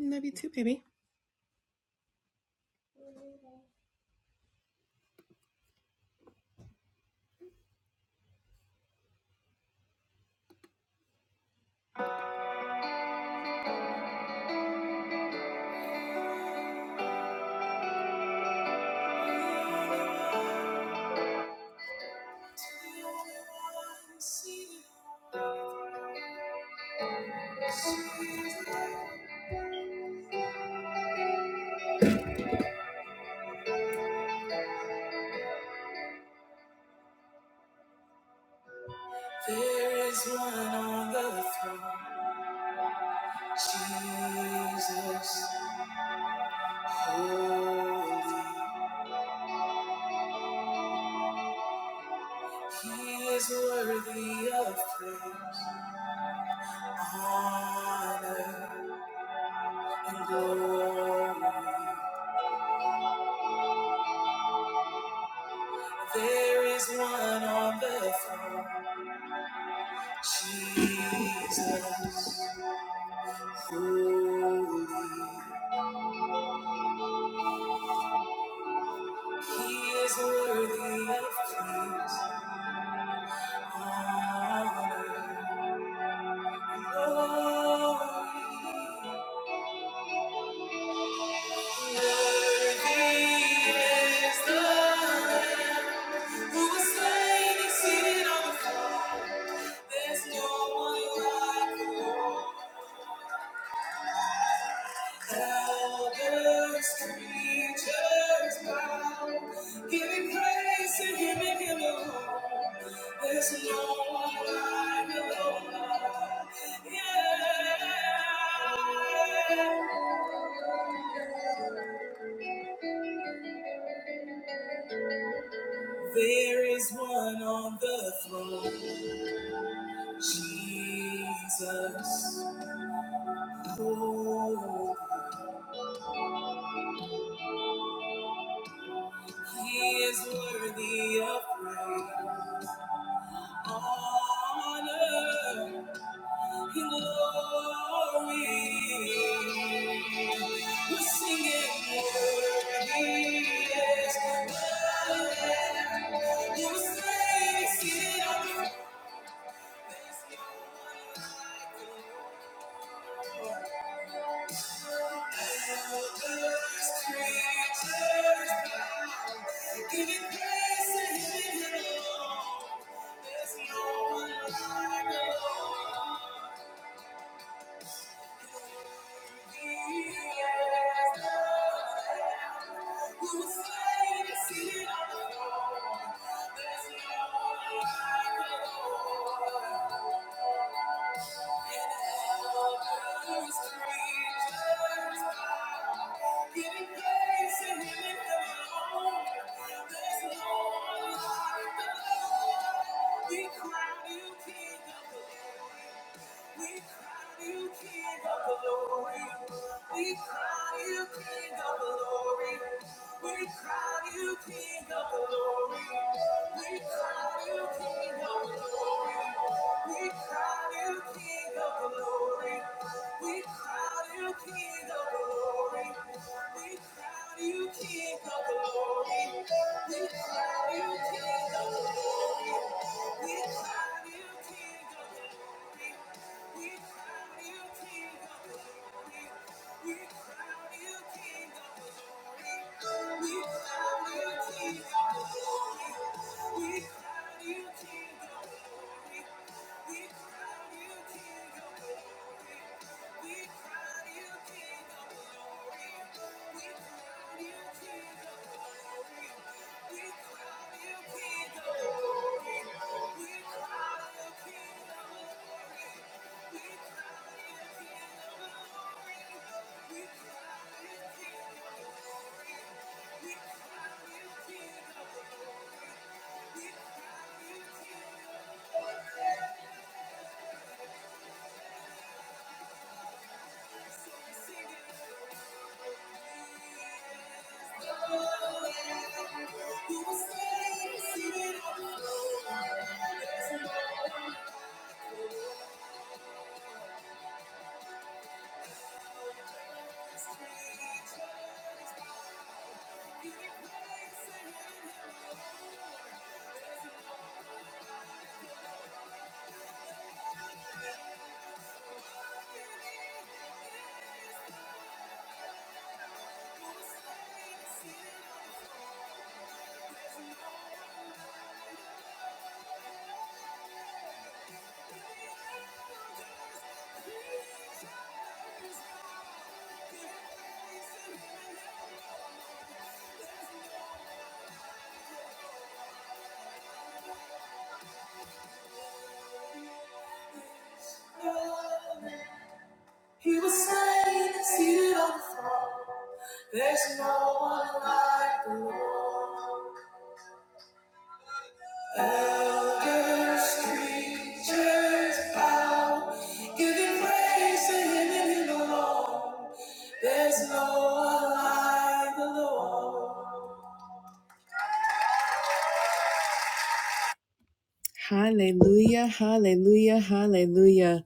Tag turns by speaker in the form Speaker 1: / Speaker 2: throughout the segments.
Speaker 1: Love you too, baby. Hallelujah, hallelujah, hallelujah.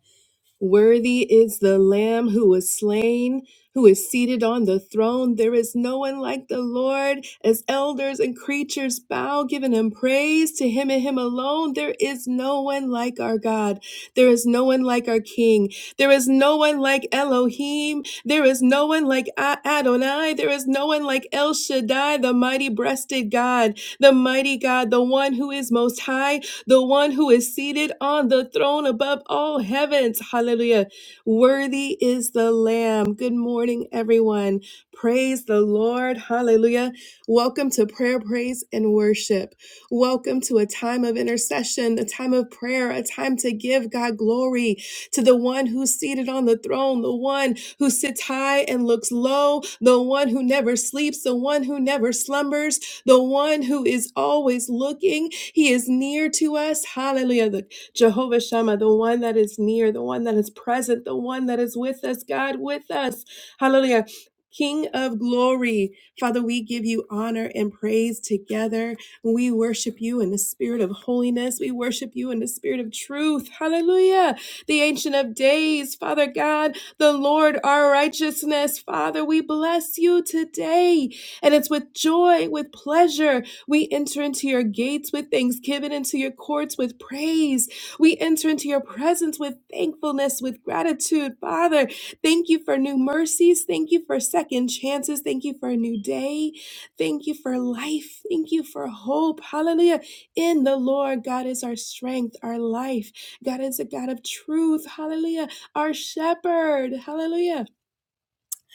Speaker 1: Worthy is the Lamb who was slain, who is seated on the throne. There is no one like the Lord. As elders and creatures bow, giving him praise to him and him alone, there is no one like our God. There is no one like our King. There is no one like Elohim. There is no one like A- Adonai. There is no one like El Shaddai, the mighty breasted God, the mighty God, the one who is most high, the one who is seated on the throne above all heavens. Hallelujah. Worthy is the Lamb. Good morning, everyone. Praise the Lord. Hallelujah. Welcome to prayer, praise, and worship. Welcome to a time of intercession, a time of prayer, a time to give God glory to the one who's seated on the throne, the one who sits high and looks low, the one who never sleeps, the one who never slumbers, the one who is always looking he is near to us. Hallelujah. The Jehovah Shammah, the one that is near, the one that is present, the one that is with us, God with us. Hallelujah. King of glory, Father, we give you honor and praise together. We worship you in the spirit of holiness. We worship you in the spirit of truth. Hallelujah. The Ancient of Days, Father God, the Lord our righteousness. Father, we bless you today. And it's with joy, with pleasure we enter into your gates with thanksgiving, into your courts with praise. We enter into your presence with thankfulness, with gratitude. Father, thank you for new mercies. Thank you for second chances. Thank you for a new day. Thank you for life. Thank you for hope. Hallelujah. In the Lord, God is our strength, our life. God is a God of truth. Hallelujah. Our shepherd. Hallelujah.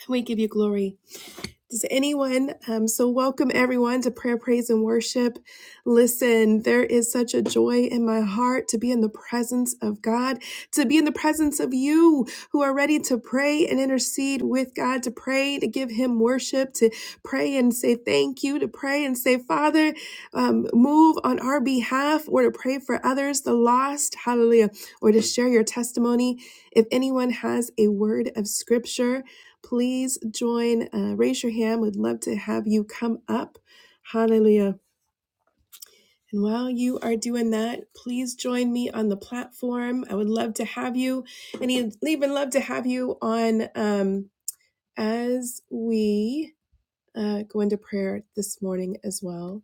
Speaker 1: We give you glory. Does anyone, um, so welcome everyone to prayer, praise, and worship. Listen, there is such a joy in my heart to be in the presence of God, to be in the presence of you who are ready to pray and intercede with God, to pray, to give Him worship, to pray and say thank you, to pray and say, Father, um, move on our behalf, or to pray for others, the lost, hallelujah, or to share your testimony. If anyone has a word of scripture, Please join, uh, raise your hand. We'd love to have you come up. Hallelujah. And while you are doing that, please join me on the platform. I would love to have you, and e- even love to have you on um, as we uh, go into prayer this morning as well.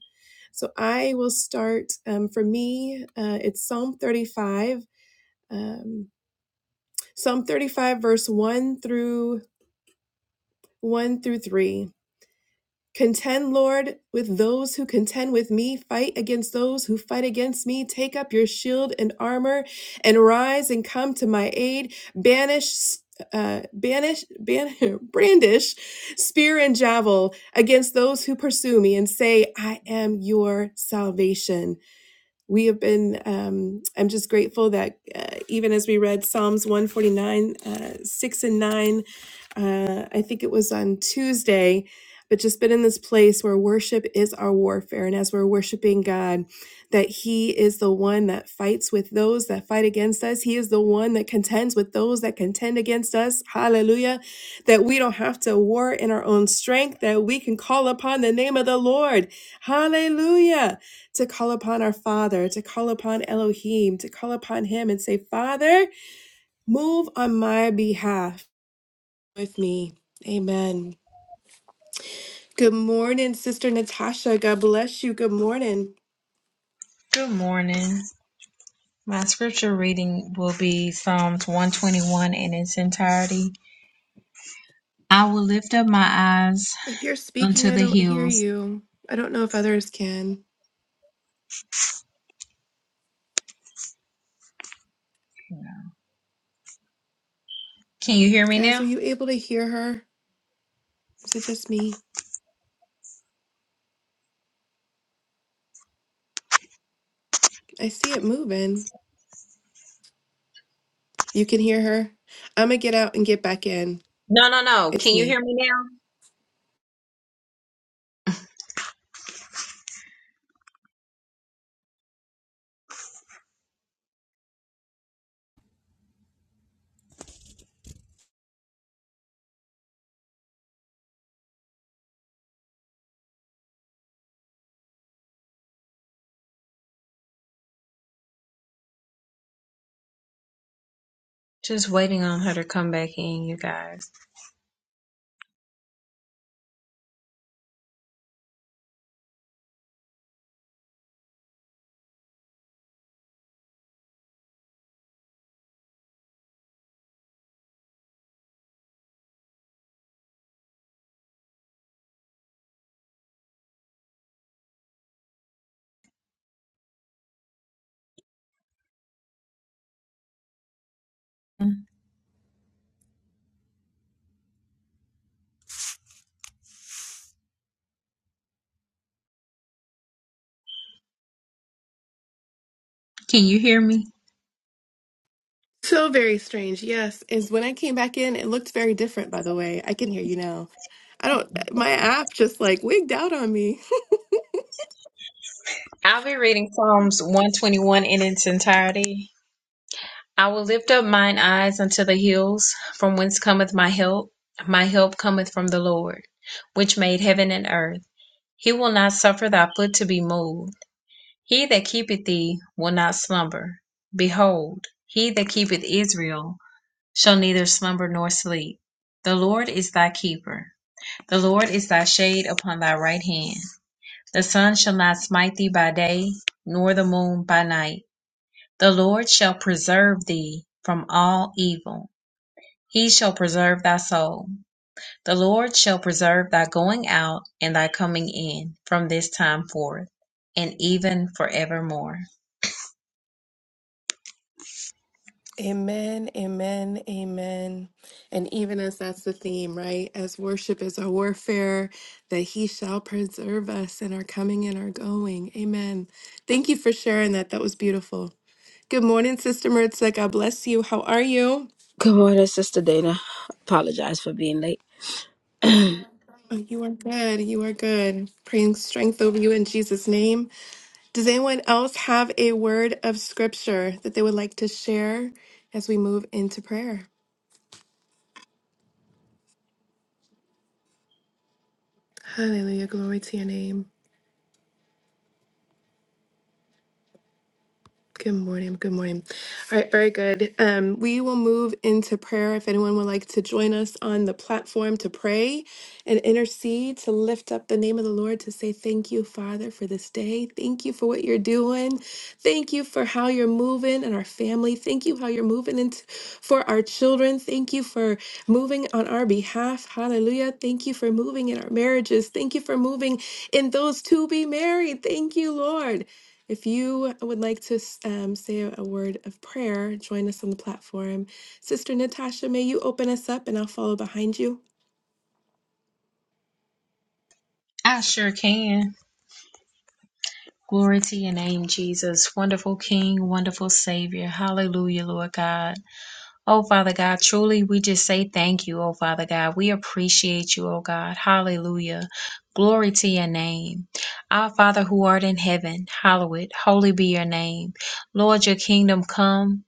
Speaker 1: So I will start. Um, for me, uh, it's Psalm 35, um, Psalm 35, verse 1 through 1 through 3. Contend, Lord, with those who contend with me. Fight against those who fight against me. Take up your shield and armor and rise and come to my aid. Banish, uh, banish, ban- brandish spear and javel against those who pursue me and say, I am your salvation we have been um, i'm just grateful that uh, even as we read psalms 149 uh, 6 and 9 uh, i think it was on tuesday but just been in this place where worship is our warfare and as we're worshiping god that he is the one that fights with those that fight against us he is the one that contends with those that contend against us hallelujah that we don't have to war in our own strength that we can call upon the name of the lord hallelujah to call upon our Father, to call upon Elohim, to call upon Him and say, Father, move on my behalf with me. Amen. Good morning, Sister Natasha. God bless you. Good morning.
Speaker 2: Good morning. My scripture reading will be Psalms 121 in its entirety. I will lift up my eyes
Speaker 1: If you're speaking,
Speaker 2: unto
Speaker 1: I
Speaker 2: the
Speaker 1: don't hear
Speaker 2: hills.
Speaker 1: you. I don't know if others can.
Speaker 2: Can you hear me
Speaker 1: Guys, are
Speaker 2: now?
Speaker 1: you able to hear her? Is it just me? I see it moving. You can hear her. I'm going to get out and get back in.
Speaker 2: No, no, no.
Speaker 1: It's
Speaker 2: Can you
Speaker 1: me.
Speaker 2: hear me now? Just waiting on her to come back in, you guys. Can you hear me?
Speaker 1: So very strange. Yes, is when I came back in, it looked very different, by the way. I can hear you now. I don't, my app just like wigged out on me.
Speaker 2: I'll be reading Psalms 121 in its entirety. I will lift up mine eyes unto the hills, from whence cometh my help. My help cometh from the Lord, which made heaven and earth. He will not suffer thy foot to be moved. He that keepeth thee will not slumber. Behold, he that keepeth Israel shall neither slumber nor sleep. The Lord is thy keeper. The Lord is thy shade upon thy right hand. The sun shall not smite thee by day, nor the moon by night. The Lord shall preserve thee from all evil. He shall preserve thy soul. The Lord shall preserve thy going out and thy coming in from this time forth and even forevermore.
Speaker 1: Amen, amen, amen. And even as that's the theme, right? As worship is our warfare, that he shall preserve us in our coming and our going. Amen. Thank you for sharing that. That was beautiful. Good morning, Sister Maritza. God bless you. How are you?
Speaker 3: Good morning, Sister Dana. Apologize for being late.
Speaker 1: Oh, You are good. You are good. Praying strength over you in Jesus' name. Does anyone else have a word of scripture that they would like to share as we move into prayer? Hallelujah. Glory to your name. Good morning. Good morning. All right, very good. Um, we will move into prayer. If anyone would like to join us on the platform to pray and intercede, to lift up the name of the Lord, to say thank you, Father, for this day. Thank you for what you're doing. Thank you for how you're moving in our family. Thank you how you're moving into for our children. Thank you for moving on our behalf. Hallelujah. Thank you for moving in our marriages. Thank you for moving in those to be married. Thank you, Lord. If you would like to um, say a word of prayer, join us on the platform. Sister Natasha, may you open us up and I'll follow behind you.
Speaker 2: I sure can. Glory to your name, Jesus. Wonderful King, wonderful Savior. Hallelujah, Lord God. Oh, Father God, truly we just say thank you, oh, Father God. We appreciate you, oh, God. Hallelujah. Glory to your name. Our Father who art in heaven, hallowed, holy be your name. Lord, your kingdom come,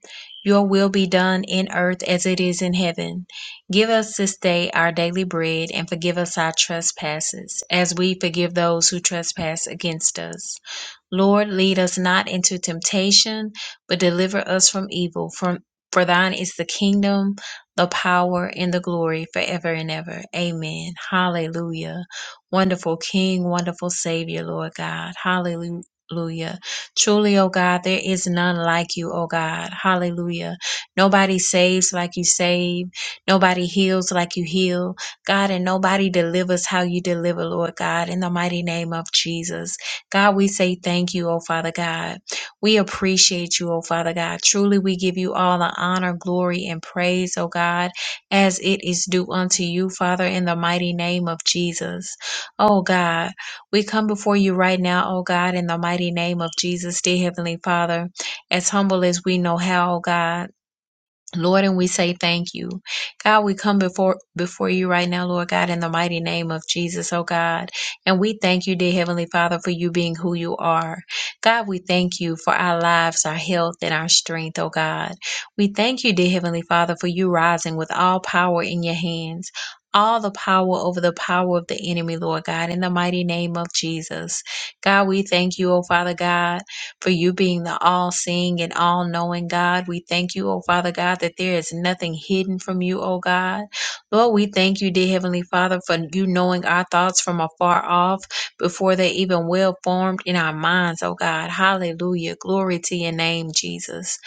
Speaker 2: your will be done in earth as it is in heaven. Give us this day our daily bread and forgive us our trespasses as we forgive those who trespass against us Lord, lead us not into temptation, but deliver us from evil. From for thine is the kingdom, the power, and the glory forever and ever. Amen. Hallelujah. Wonderful King, wonderful Savior, Lord God. Hallelujah. Truly, O God, there is none like you, O God. Hallelujah. Nobody saves like you save. Nobody heals like you heal. God, and nobody delivers how you deliver, Lord God, in the mighty name of Jesus. God, we say thank you, oh Father God. We appreciate you, oh Father God. Truly, we give you all the honor, glory, and praise, oh God, as it is due unto you, Father, in the mighty name of Jesus. Oh God, we come before you right now, oh God, in the mighty name of Jesus, dear Heavenly Father, as humble as we know how, oh God. Lord, and we say thank you. God, we come before before you right now, Lord God, in the mighty name of Jesus, oh God. And we thank you, dear Heavenly Father, for you being who you are. God, we thank you for our lives, our health, and our strength, oh God. We thank you, dear Heavenly Father, for you rising with all power in your hands. All the power over the power of the enemy, Lord God, in the mighty name of Jesus. God, we thank you, oh Father God for you being the all seeing and all knowing God. We thank you, oh Father God, that there is nothing hidden from you, oh God. Lord, we thank you, dear Heavenly Father, for you knowing our thoughts from afar off before they're even well formed in our minds, oh God. Hallelujah. Glory to your name, Jesus.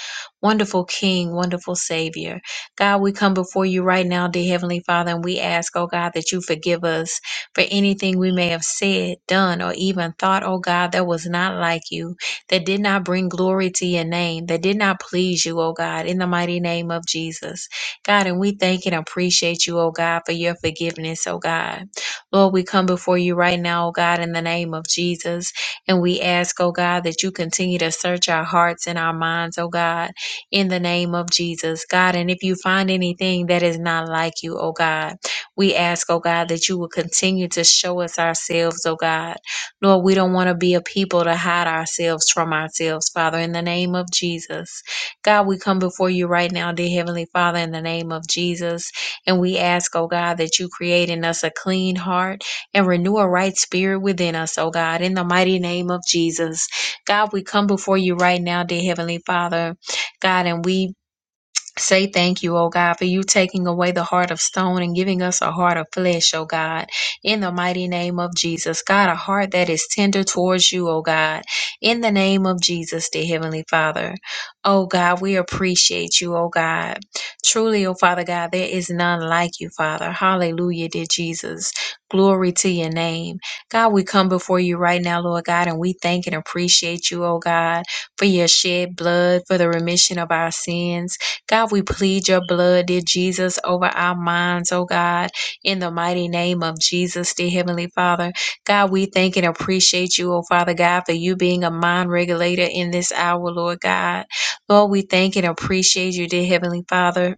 Speaker 2: Wonderful King, wonderful Savior. God, we come before you right now, dear Heavenly Father, and we ask, oh God, that you forgive us for anything we may have said, done, or even thought, oh God, that was not like you that did not bring glory to your name, that did not please you, oh God, in the mighty name of Jesus. God, and we thank and appreciate you, oh God, for your forgiveness, oh God. Lord, we come before you right now, oh God, in the name of Jesus. And we ask, oh God, that you continue to search our hearts and our minds, oh God, in the name of Jesus, God. And if you find anything that is not like you, oh God, we ask, oh God, that you will continue to show us ourselves, oh God. Lord, we don't want to be a people to hide ourselves from ourselves, Father, in the name of Jesus. God, we come before you right now, dear Heavenly Father, in the name of Jesus. And we ask, oh God, that you create in us a clean heart and renew a right spirit within us, oh God, in the mighty name of Jesus. God, we come before you right now, dear Heavenly Father, God, and we Say thank you, O God, for you taking away the heart of stone and giving us a heart of flesh, O God. In the mighty name of Jesus, God, a heart that is tender towards you, O God. In the name of Jesus, dear Heavenly Father. O God, we appreciate you, O God. Truly, O Father God, there is none like you, Father. Hallelujah, dear Jesus. Glory to your name. God, we come before you right now, Lord God, and we thank and appreciate you, O God, for your shed blood, for the remission of our sins. God, we plead your blood, dear Jesus, over our minds, oh God, in the mighty name of Jesus, dear Heavenly Father. God, we thank and appreciate you, oh Father God, for you being a mind regulator in this hour, Lord God. Lord, we thank and appreciate you, dear Heavenly Father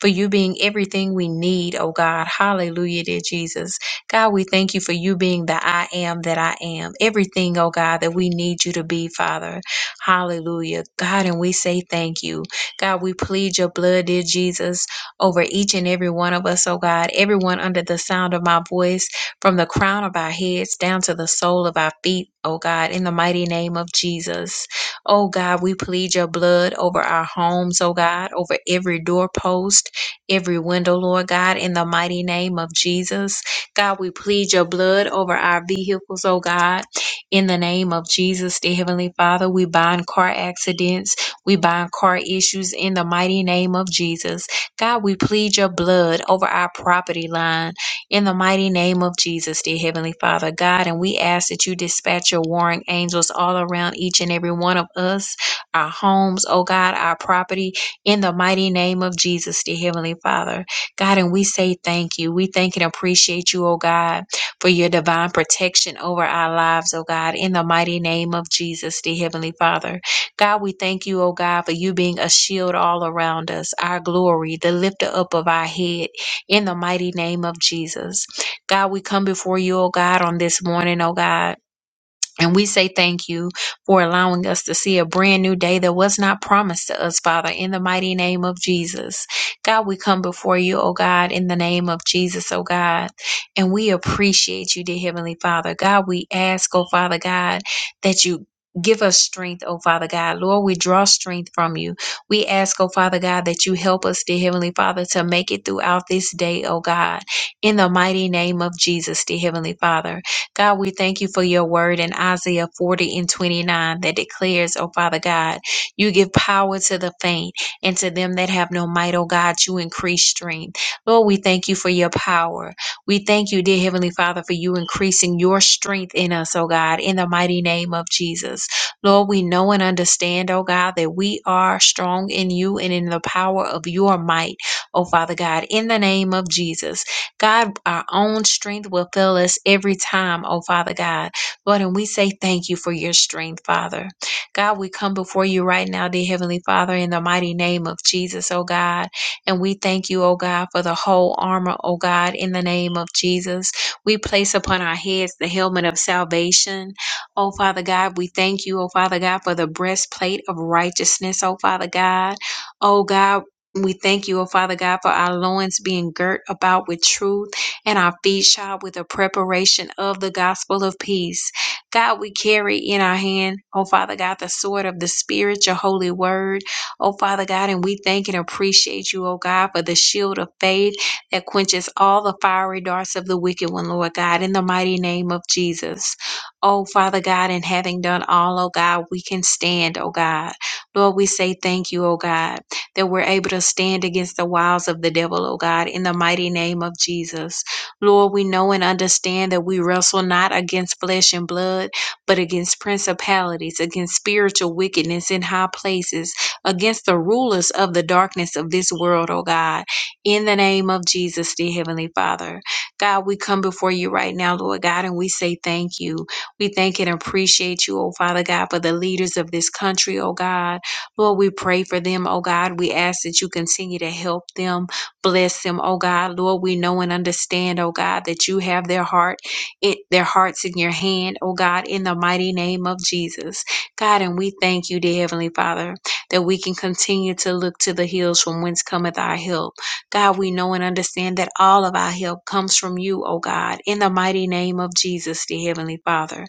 Speaker 2: for you being everything we need, oh God. Hallelujah, dear Jesus. God, we thank you for you being the I am that I am. Everything, oh God, that we need you to be, Father. Hallelujah. God, and we say thank you. God, we plead your blood, dear Jesus, over each and every one of us, oh God. Everyone under the sound of my voice, from the crown of our heads down to the sole of our feet, oh God, in the mighty name of Jesus. Oh God, we plead your blood over our homes, oh God, over every doorpost every window, Lord God, in the mighty name of Jesus. God, we plead your blood over our vehicles, oh God. In the name of Jesus, the Heavenly Father, we bind car accidents, we bind car issues in the mighty name of Jesus. God, we plead your blood over our property line in the mighty name of Jesus, dear Heavenly Father, God. And we ask that you dispatch your warring angels all around each and every one of us, our homes, oh God, our property, in the mighty name of Jesus, dear Heavenly Father. God, and we say thank you. We thank and appreciate you, oh God, for your divine protection over our lives, oh God, in the mighty name of Jesus, dear Heavenly Father. God, we thank you, oh God, for you being a shield all around us, our glory, the lifter up of our head, in the mighty name of Jesus. God, we come before you, oh God, on this morning, oh God. And we say thank you for allowing us to see a brand new day that was not promised to us, Father, in the mighty name of Jesus. God, we come before you, oh God, in the name of Jesus, oh God. And we appreciate you, dear Heavenly Father. God, we ask, oh Father God, that you Give us strength, oh Father God. Lord, we draw strength from you. We ask, oh Father God, that you help us, dear Heavenly Father, to make it throughout this day, oh God, in the mighty name of Jesus, dear Heavenly Father. God, we thank you for your word in Isaiah 40 and 29 that declares, oh Father God, you give power to the faint and to them that have no might, oh God, you increase strength. Lord, we thank you for your power. We thank you, dear Heavenly Father, for you increasing your strength in us, oh God, in the mighty name of Jesus. Lord, we know and understand, oh God, that we are strong in you and in the power of your might, oh Father God, in the name of Jesus. God, our own strength will fail us every time, oh Father God. Lord, and we say thank you for your strength, Father. God, we come before you right now, dear Heavenly Father, in the mighty name of Jesus, oh God. And we thank you, oh God, for the whole armor, oh God, in the name of Jesus. We place upon our heads the helmet of salvation. Oh Father God, we thank you, oh Father God, for the breastplate of righteousness, oh Father God. Oh God, we thank you, O Father God, for our loins being girt about with truth and our feet shod with the preparation of the gospel of peace. God, we carry in our hand, O Father God, the sword of the Spirit, your holy word, O Father God, and we thank and appreciate you, O God, for the shield of faith that quenches all the fiery darts of the wicked one, Lord God, in the mighty name of Jesus. O Father God, and having done all, O God, we can stand, O God. Lord, we say thank you, O God that we're able to stand against the wiles of the devil, oh God, in the mighty name of Jesus. Lord, we know and understand that we wrestle not against flesh and blood, but against principalities, against spiritual wickedness in high places, against the rulers of the darkness of this world, oh God, in the name of Jesus, dear Heavenly Father. God, we come before you right now, Lord God, and we say thank you. We thank and appreciate you, oh Father God, for the leaders of this country, oh God. Lord, we pray for them, oh God. We ask that you continue to help them, bless them, oh God. Lord, we know and understand, oh God, that you have their heart, it, their hearts in your hand, oh God, in the mighty name of Jesus. God, and we thank you, dear Heavenly Father, that we can continue to look to the hills from whence cometh our help. God, we know and understand that all of our help comes from you, oh God, in the mighty name of Jesus, dear Heavenly Father.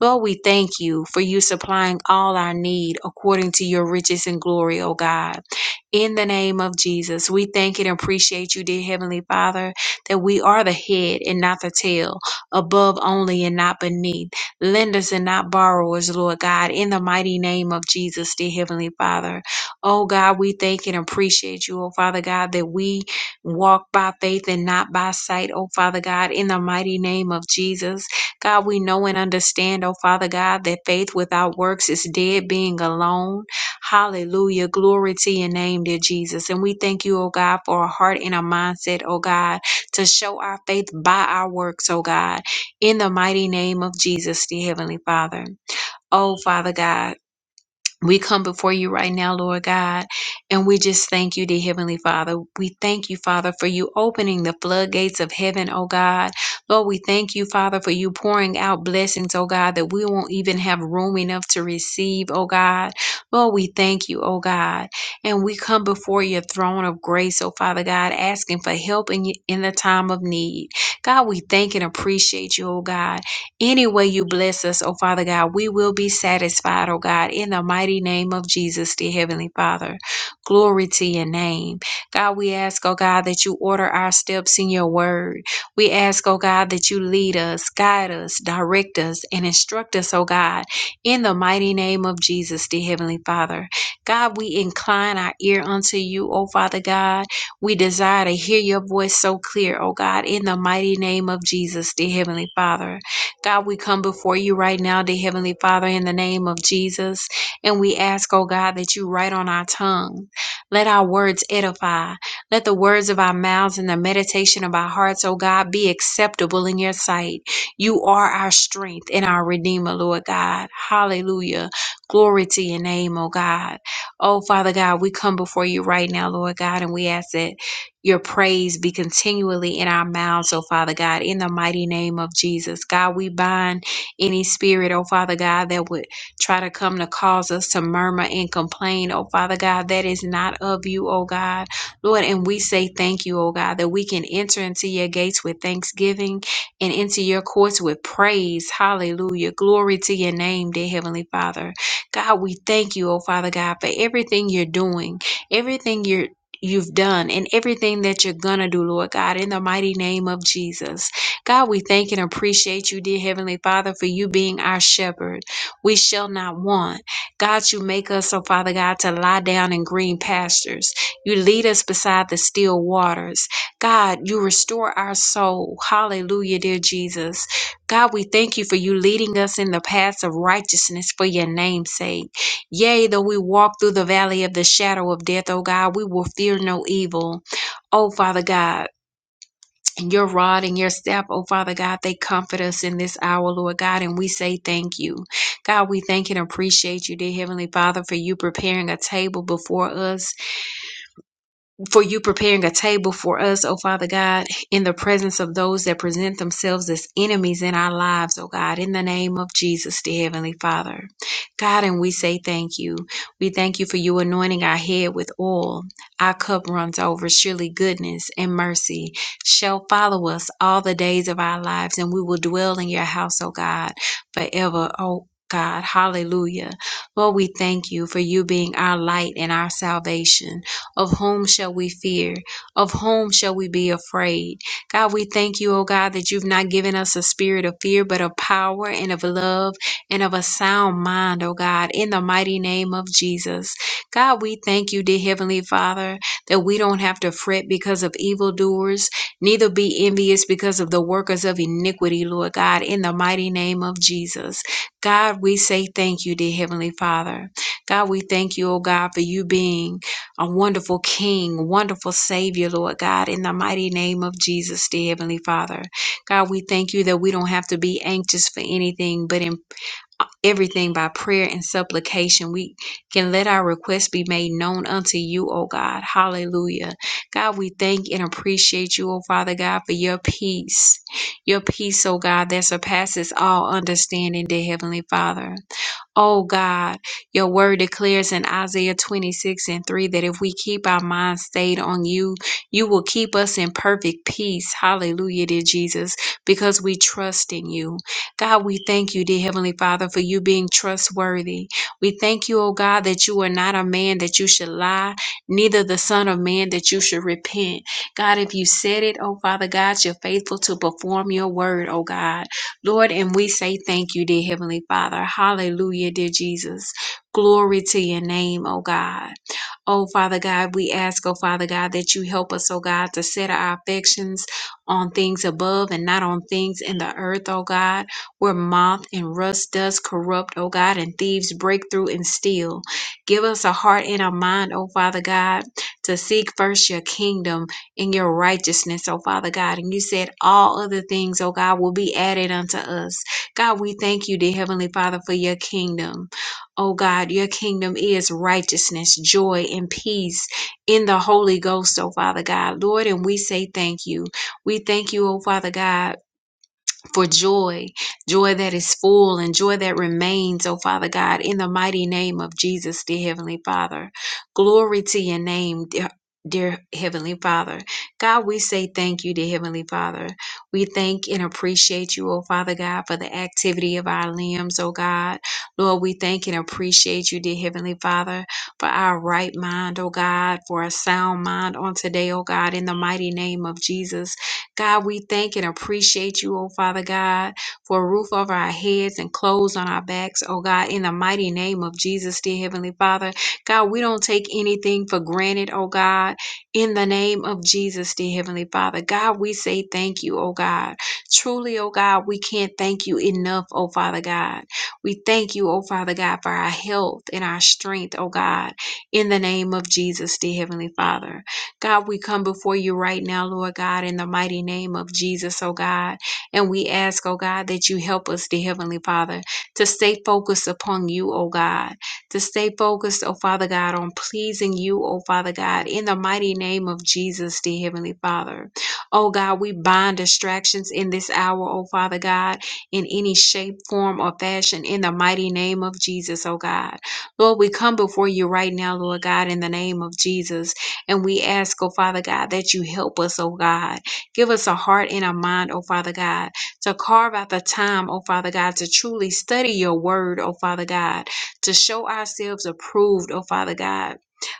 Speaker 2: Lord, we thank you for you supplying all our need according to your riches and glory, O God. In the name of Jesus, we thank and appreciate you, dear Heavenly Father, that we are the head and not the tail, above only and not beneath, lenders and not borrowers, Lord God, in the mighty name of Jesus, dear Heavenly Father. Oh God, we thank and appreciate you, oh Father God, that we walk by faith and not by sight, oh Father God, in the mighty name of Jesus. God, we know and understand, oh Father God, that faith without works is dead, being alone. Hallelujah. Glory to your name, dear Jesus. And we thank you, oh God, for a heart and a mindset, oh God, to show our faith by our works, oh God, in the mighty name of Jesus, dear Heavenly Father. Oh, Father God. We come before you right now, Lord God, and we just thank you, dear Heavenly Father. We thank you, Father, for you opening the floodgates of heaven, oh God. Lord, we thank you, Father, for you pouring out blessings, oh God, that we won't even have room enough to receive, oh God. Lord, we thank you, oh God. And we come before your throne of grace, oh Father God, asking for help in, in the time of need. God, we thank and appreciate you, oh God. Any way you bless us, oh Father God, we will be satisfied, oh God, in the mighty name of Jesus, dear Heavenly Father. Glory to your name. God, we ask, oh God, that you order our steps in your word. We ask, oh God, that you lead us, guide us, direct us, and instruct us, oh God, in the mighty name of Jesus, dear Heavenly Father. God, we incline our ear unto you, O Father God. We desire to hear your voice so clear, O God, in the mighty name of Jesus, dear Heavenly Father. God, we come before you right now, dear Heavenly Father, in the name of Jesus. And we ask, oh God, that you write on our tongue. Let our words edify. Let the words of our mouths and the meditation of our hearts, oh God, be acceptable in your sight. You are our strength and our Redeemer, Lord God. Hallelujah. Glory to your name, oh God. Oh, Father God, we come before you right now, Lord God, and we ask that your praise be continually in our mouths, oh Father God, in the mighty name of Jesus. God, we bind any spirit, oh Father God, that would try to come to cause us to murmur and complain, oh Father God, that is not of you, oh God. Lord, and we say thank you, oh God, that we can enter into your gates with thanksgiving and into your courts with praise. Hallelujah. Glory to your name, dear Heavenly Father. God, we thank you, oh Father God, for everything you're doing, everything you're you've done and everything that you're going to do, Lord God, in the mighty name of Jesus. God, we thank and appreciate you, dear Heavenly Father, for you being our shepherd. We shall not want. God, you make us, oh Father God, to lie down in green pastures. You lead us beside the still waters. God, you restore our soul. Hallelujah, dear Jesus. God, we thank you for you leading us in the paths of righteousness for your name's sake. Yea, though we walk through the valley of the shadow of death, O God, we will fear no evil. O Father God, your rod and your staff, O Father God, they comfort us in this hour, Lord God, and we say thank you. God, we thank and appreciate you, dear Heavenly Father, for you preparing a table before us for you preparing a table for us, oh Father God, in the presence of those that present themselves as enemies in our lives, oh God, in the name of Jesus, dear Heavenly Father. God, and we say thank you. We thank you for you anointing our head with oil. Our cup runs over. Surely goodness and mercy shall follow us all the days of our lives, and we will dwell in your house, oh God, forever, oh God. Hallelujah. Lord, we thank you for you being our light and our salvation. Of whom shall we fear? Of whom shall we be afraid? God, we thank you, oh God, that you've not given us a spirit of fear, but of power and of love and of a sound mind, oh God, in the mighty name of Jesus. God, we thank you, dear Heavenly Father, that we don't have to fret because of evildoers, neither be envious because of the workers of iniquity, Lord God, in the mighty name of Jesus. God, we say thank you, dear Heavenly Father. God, we thank you, oh God, for you being a wonderful King, wonderful Savior, Lord God, in the mighty name of Jesus, dear Heavenly Father. God, we thank you that we don't have to be anxious for anything, but in uh, everything by prayer and supplication, we can let our requests be made known unto you, O God. Hallelujah. God, we thank and appreciate you, O Father God, for your peace. Your peace, O God, that surpasses all understanding, dear Heavenly Father. Oh God, your word declares in Isaiah 26 and 3 that if we keep our minds stayed on you, you will keep us in perfect peace. Hallelujah, dear Jesus, because we trust in you. God, we thank you, dear Heavenly Father, for you being trustworthy. We thank you, oh God, that you are not a man that you should lie, neither the Son of Man that you should repent. God, if you said it, oh Father God, you're faithful to perform your word, oh God. Lord, and we say thank you, dear Heavenly Father. Hallelujah, dear Jesus. Glory to your name, oh God. Oh, Father God, we ask, oh, Father God, that you help us, oh, God, to set our affections on things above and not on things in the earth, oh, God, where moth and rust does corrupt, oh, God, and thieves break through and steal. Give us a heart and a mind, oh, Father God, to seek first your kingdom and your righteousness, oh, Father God. And you said all other things, oh, God, will be added unto us. God, we thank you, dear Heavenly Father, for your kingdom. Oh God, your kingdom is righteousness, joy, and peace in the Holy Ghost, oh Father God. Lord, and we say thank you. We thank you, oh Father God for joy, joy that is full and joy that remains, oh Father God, in the mighty name of Jesus, dear Heavenly Father. Glory to your name, dear. Dear Heavenly Father, God, we say thank you, dear Heavenly Father. We thank and appreciate you, oh Father God, for the activity of our limbs, oh God. Lord, we thank and appreciate you, dear Heavenly Father, for our right mind, oh God, for a sound mind on today, oh God, in the mighty name of Jesus. God, we thank and appreciate you, oh Father God, for a roof over our heads and clothes on our backs, oh God, in the mighty name of Jesus, dear Heavenly Father. God, we don't take anything for granted, oh God, in the name of Jesus, dear Heavenly Father. God, we say thank you, oh God. Truly, oh God, we can't thank you enough, oh Father God. We thank you, oh Father God, for our health and our strength, oh God, in the name of Jesus, dear Heavenly Father. God, we come before you right now, Lord God, in the mighty name of Jesus, oh God. And we ask, oh God, that you help us, dear Heavenly Father, to stay focused upon you, oh God, to stay focused, oh Father God, on pleasing you, oh Father God, in the mighty name of Jesus, dear Heavenly Father. Oh God, we bind distractions in this hour, oh Father God, in any shape, form, or fashion, in the mighty name of Jesus, oh God. Lord, we come before you right now, Lord God, in the name of Jesus and we ask, oh Father God, that you help us, oh God. Give us a heart and a mind, oh Father God, to carve out the time, oh Father God, to truly study your word, oh Father God, to show ourselves approved, oh Father God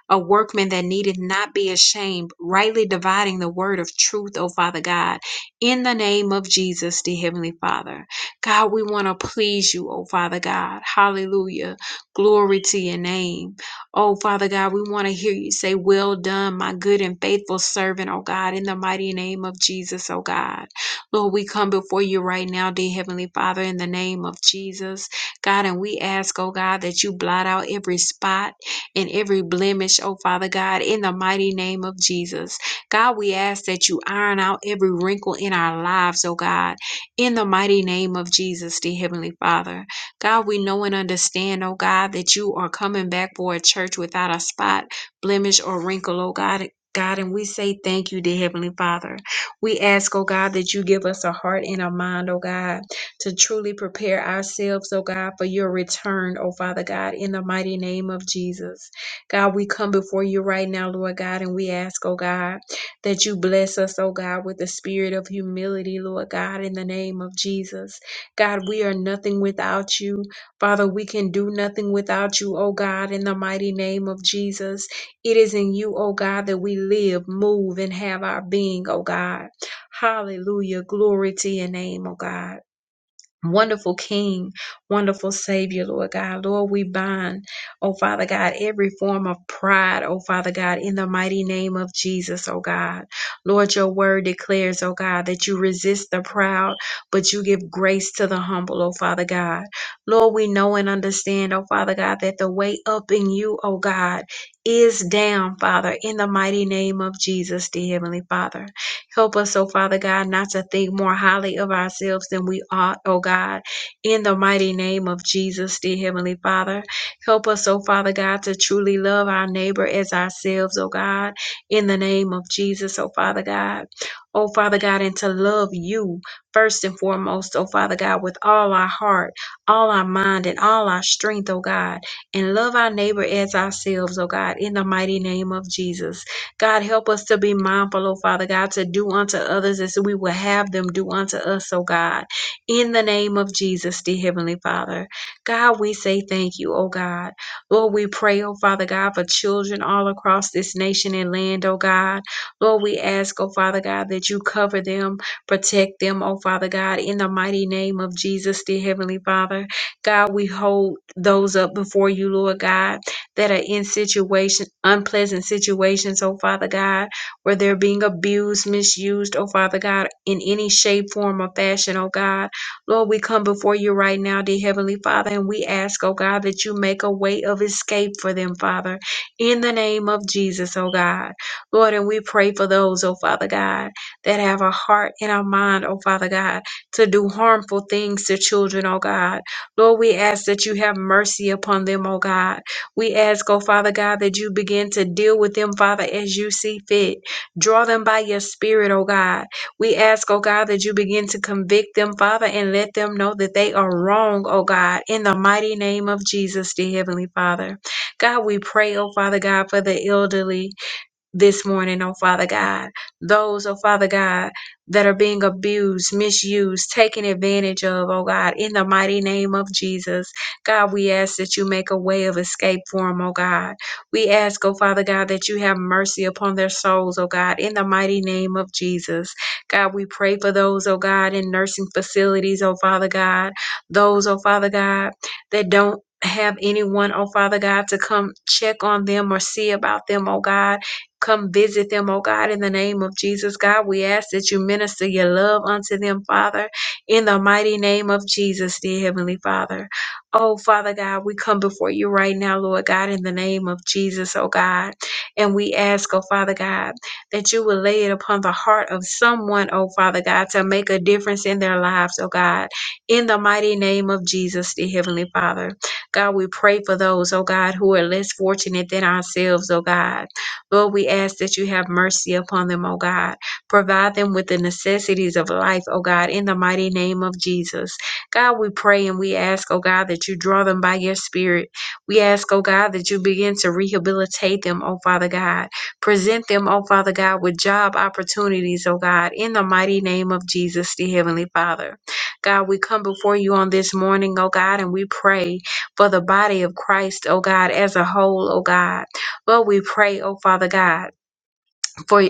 Speaker 2: a workman that needed not be ashamed, rightly dividing the word of truth, O Father God, in the name of Jesus, the Heavenly Father. God, we want to please you, O Father God. Hallelujah. Glory to your name. Oh, Father God, we want to hear you say, Well done, my good and faithful servant, oh God, in the mighty name of Jesus, oh God. Lord, we come before you right now, dear Heavenly Father, in the name of Jesus, God, and we ask, oh God, that you blot out every spot and every blemish, oh Father God, in the mighty name of Jesus. God, we ask that you iron out every wrinkle in our lives, oh God, in the mighty name of Jesus, dear Heavenly Father. God, we know and understand, oh God, that you are coming back for a church without a spot, blemish, or wrinkle, oh God. God, and we say thank you, dear Heavenly Father. We ask, oh God, that you give us a heart and a mind, oh God, to truly prepare ourselves, oh God, for your return, oh Father God, in the mighty name of Jesus. God, we come before you right now, Lord God, and we ask, oh God, that you bless us, oh God, with the spirit of humility, Lord God, in the name of Jesus. God, we are nothing without you. Father, we can do nothing without you, O God, in the mighty name of Jesus. It is in you, O God, that we live, move, and have our being, O God. Hallelujah. Glory to your name, O God. Wonderful King, wonderful Savior, Lord God. Lord, we bind, oh Father God, every form of pride, oh Father God, in the mighty name of Jesus, oh God. Lord, your word declares, oh God, that you resist the proud, but you give grace to the humble, oh Father God. Lord, we know and understand, oh Father God, that the way up in you, oh God, is down, Father, in the mighty name of Jesus, dear Heavenly Father. Help us, oh Father God, not to think more highly of ourselves than we ought, oh God, in the mighty name of Jesus, dear Heavenly Father. Help us, oh Father God, to truly love our neighbor as ourselves, oh God, in the name of Jesus, oh Father God. Oh Father God, and to love you first and foremost, oh Father God, with all our heart, all our mind, and all our strength, oh God, and love our neighbor as ourselves, oh God, in the mighty name of Jesus. God, help us to be mindful, oh Father God, to do unto others as we will have them do unto us, oh God. In the name of Jesus, dear Heavenly Father. God, we say thank you, oh God. Lord, we pray, oh Father God, for children all across this nation and land, oh God. Lord, we ask, oh Father God, that you cover them, protect them, oh Father God, in the mighty name of Jesus, dear Heavenly Father. God, we hold those up before you, Lord God that are in situation unpleasant situations, oh Father God, where they're being abused, misused, oh Father God, in any shape, form, or fashion, oh God. Lord, we come before you right now, dear Heavenly Father, and we ask, oh God, that you make a way of escape for them, Father, in the name of Jesus, oh God. Lord, and we pray for those, oh Father God, that have a heart and a mind, oh Father God, to do harmful things to children, oh God. Lord, we ask that you have mercy upon them, oh God. We ask, oh Father God, that you begin to deal with them, Father, as you see fit. Draw them by your spirit, oh God. We ask, oh God, that you begin to convict them, Father, and let them know that they are wrong, oh God, in the mighty name of Jesus, dear Heavenly Father. God, we pray, oh Father God, for the elderly this morning, oh Father God. Those, oh Father God, that are being abused, misused, taken advantage of, oh God, in the mighty name of Jesus. God, we ask that you make a way of escape for them, oh God. We ask, oh Father God, that you have mercy upon their souls, oh God, in the mighty name of Jesus. God, we pray for those, oh God, in nursing facilities, oh Father God. Those, oh Father God, that don't have anyone, oh Father God, to come check on them or see about them, oh God Come visit them, oh God, in the name of Jesus, God. We ask that you minister your love unto them, Father, in the mighty name of Jesus, dear Heavenly Father. Oh, Father God, we come before you right now, Lord God, in the name of Jesus, oh God. And we ask, oh Father God, that you will lay it upon the heart of someone, oh Father God, to make a difference in their lives, oh God, in the mighty name of Jesus, dear Heavenly Father. God, we pray for those, oh God, who are less fortunate than ourselves, oh God. Lord, we ask that you have mercy upon them, O God. Provide them with the necessities of life, O God, in the mighty name of Jesus. God, we pray and we ask, O God, that you draw them by your spirit. We ask, O God, that you begin to rehabilitate them, O Father God. Present them, O Father God, with job opportunities, O God, in the mighty name of Jesus, the Heavenly Father. God, we come before you on this morning, O God, and we pray for the body of Christ, O God, as a whole, O God. But we pray, O Father God for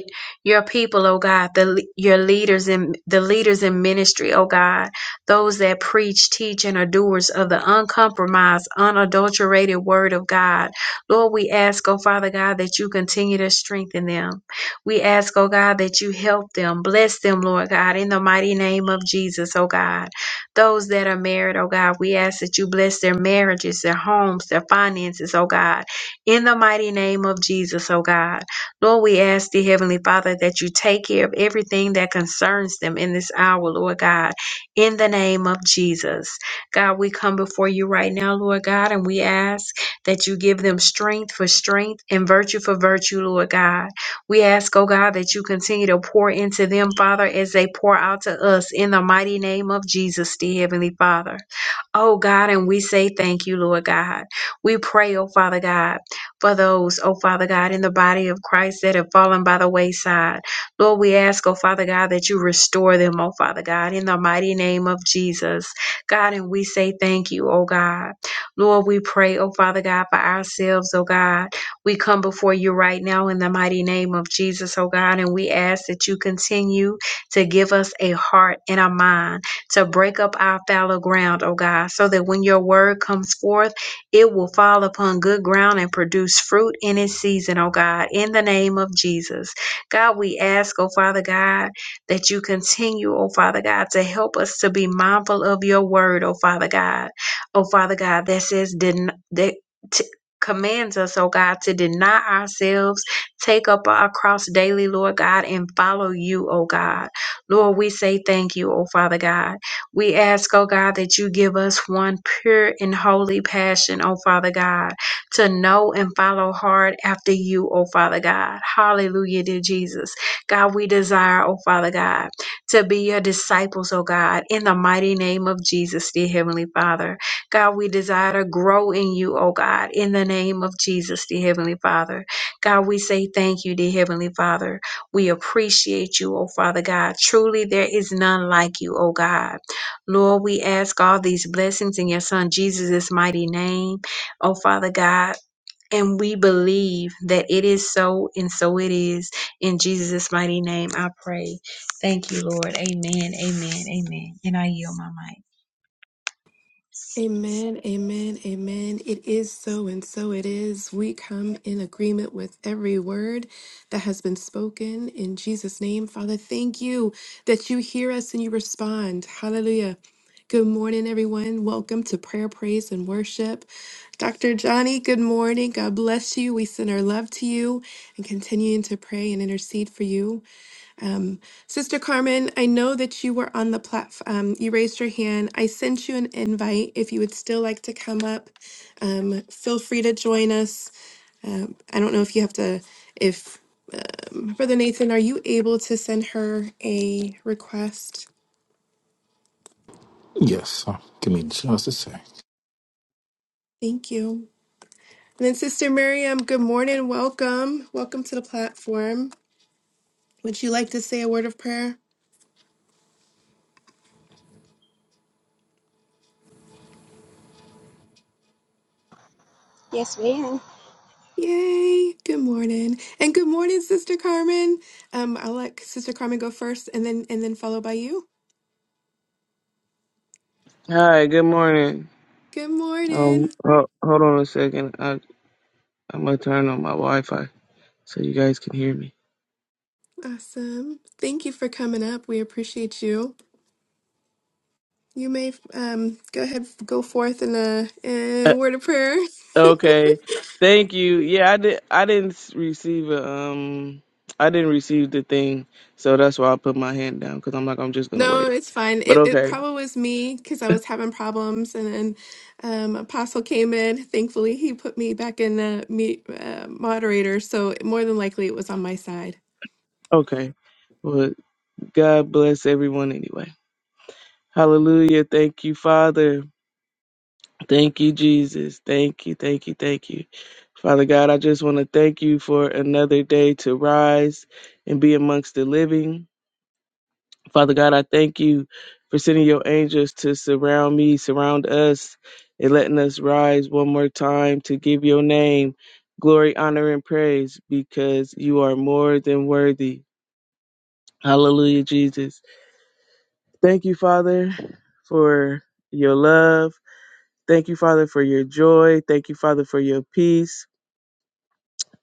Speaker 2: your people, oh God, the le- your leaders in the leaders in ministry, oh God, those that preach, teach, and are doers of the uncompromised, unadulterated word of God. Lord, we ask, oh Father God, that you continue to strengthen them. We ask, oh God, that you help them, bless them, Lord God, in the mighty name of Jesus, oh God. Those that are married, oh God, we ask that you bless their marriages, their homes, their finances, oh God, in the mighty name of Jesus, oh God. Lord, we ask the Heavenly Father that you take care of everything that concerns them in this hour, Lord God, in the name of Jesus. God, we come before you right now, Lord God, and we ask that you give them strength for strength and virtue for virtue, Lord God. We ask, oh God, that you continue to pour into them, Father, as they pour out to us in the mighty name of Jesus, the Heavenly Father. Oh God, and we say thank you, Lord God. We pray, oh Father God, for those, oh Father God, in the body of Christ that have fallen by the wayside. Lord, we ask, oh Father God, that you restore them, oh Father God, in the mighty name of Jesus. God, and we say thank you, oh God. Lord, we pray, oh Father God, for ourselves, oh God. We come before you right now in the mighty name of Jesus, oh God, and we ask that you continue to give us a heart and a mind to break up our fallow ground, O God, so that when your word comes forth, it will fall upon good ground and produce fruit in its season, O God, in the name of Jesus. God, we ask, O Father God, that you continue, O Father God, to help us to be mindful of your word, O Father God. O Father God, that says, den- that t- commands us, O God, to deny ourselves, take up our cross daily, Lord God, and follow you, O God. Lord, we say thank you, O Father God. We ask, oh God, that you give us one pure and holy passion, oh Father God, to know and follow hard after you, oh Father God. Hallelujah, dear Jesus. God, we desire, oh Father God, to be your disciples, oh God, in the mighty name of Jesus, dear Heavenly Father. God, we desire to grow in you, oh God, in the name of Jesus, dear Heavenly Father. God, we say thank you, dear Heavenly Father. We appreciate you, oh Father God. Truly, there is none like you, oh God. Lord, we ask all these blessings in your son Jesus' mighty name. Oh, Father God. And we believe that it is so, and so it is. In Jesus' mighty name, I pray. Thank you, Lord. Amen, amen, amen. And I yield my mic.
Speaker 1: Amen, amen, amen. It is so, and so it is. We come in agreement with every word that has been spoken in Jesus' name. Father, thank you that you hear us and you respond. Hallelujah. Good morning, everyone. Welcome to prayer, praise, and worship. Dr. Johnny, good morning. God bless you. We send our love to you and continuing to pray and intercede for you. Um, Sister Carmen, I know that you were on the platform. Um, you raised your hand. I sent you an invite. If you would still like to come up, um, feel free to join us. Um, I don't know if you have to, if Brother Nathan, are you able to send her a request?
Speaker 4: Yes, uh, give me just a sec.
Speaker 1: Thank you. And then Sister Miriam, good morning. Welcome. Welcome to the platform. Would you like to say a word of prayer?
Speaker 5: Yes, ma'am.
Speaker 1: Yay! Good morning, and good morning, Sister Carmen. Um, I'll let Sister Carmen go first, and then and then followed by you.
Speaker 6: Hi, good morning.
Speaker 1: Good
Speaker 6: Um,
Speaker 1: morning.
Speaker 6: ho- hold on a second. I, I'm gonna turn on my Wi-Fi so you guys can hear me.
Speaker 1: Awesome. Thank you for coming up. We appreciate you. You may um go ahead, go forth in a, a
Speaker 6: Uh,
Speaker 1: word of prayer.
Speaker 6: okay, thank you. Yeah, I did. I didn't s- receive a, um. I didn't receive the thing, so that's why I put my hand down because I'm like I'm just gonna
Speaker 1: No,
Speaker 6: wait.
Speaker 1: it's fine.
Speaker 6: But
Speaker 1: It it
Speaker 6: okay,
Speaker 1: probably was me because I was having problems, and then um, Apostle came in. Thankfully, he put me back in the me, uh, moderator. So more than likely, it was on my side.
Speaker 6: okay. Well, God bless everyone anyway. Hallelujah. Thank you, Father. Thank you, Jesus. Thank you, thank you, thank you. Father God, I just want to thank you for another day to rise and be amongst the living. Father God, I thank you for sending your angels to surround me, surround us, and letting us rise one more time to give your name glory, honor, and praise because you are more than worthy. Hallelujah, Jesus. Thank you, Father, for your love. Thank you, Father, for your joy. Thank you, Father, for your peace.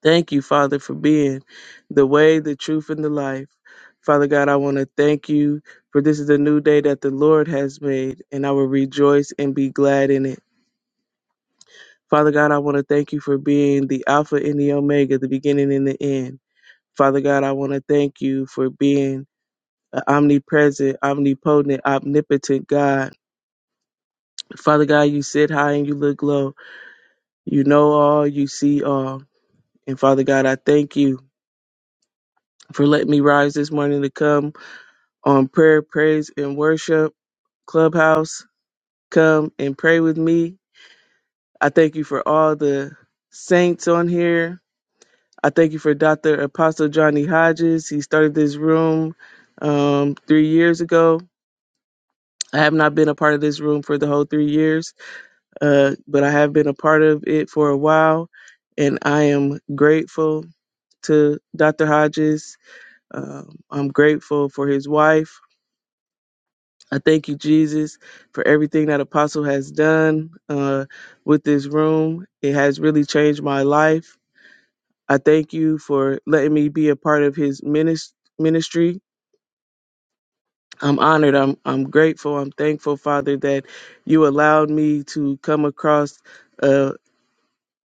Speaker 6: Thank you, Father, for being the way, the truth, and the life. Father God, I want to thank you for this is a new day that the Lord has made, and I will rejoice and be glad in it. Father God, I want to thank you for being the Alpha and the Omega, the beginning and the end. Father God, I want to thank you for being an omnipresent, omnipotent, omnipotent God. Father God, you sit high and you look low. You know all, you see all. And Father God, I thank you for letting me rise this morning to come on Prayer, Praise, and Worship Clubhouse. Come and pray with me. I thank you for all the saints on here. I thank you for Dr. Apostle Johnny Hodges. He started this room um, three years ago. I have not been a part of this room for the whole three years, uh, but I have been a part of it for a while, and I am grateful to Dr. Hodges. Um, I'm grateful for his wife. I thank you, Jesus, for everything that Apostle has done uh, with this room. It has really changed my life. I thank you for letting me be a part of his minis- ministry. I'm honored. I'm I'm grateful. I'm thankful, Father, that you allowed me to come across a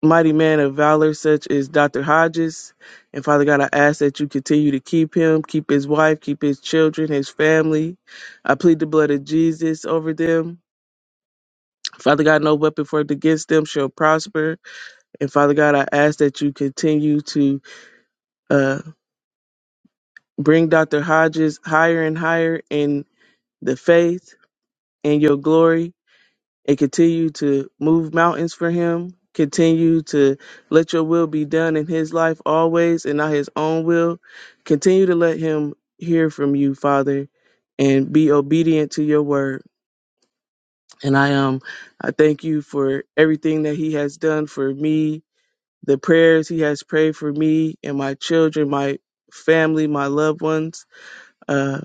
Speaker 6: mighty man of valor such as Dr. Hodges. And Father God, I ask that you continue to keep him, keep his wife, keep his children, his family. I plead the blood of Jesus over them. Father God, no weapon formed against them shall prosper. And Father God, I ask that you continue to uh, bring Dr. Hodges higher and higher in the faith and your glory and continue to move mountains for him. Continue to let your will be done in his life always and not his own will. Continue to let him hear from you, Father, and be obedient to your word. And I um I thank you for everything that he has done for me The prayers he has prayed for me and my children, my family, my loved ones. Uh,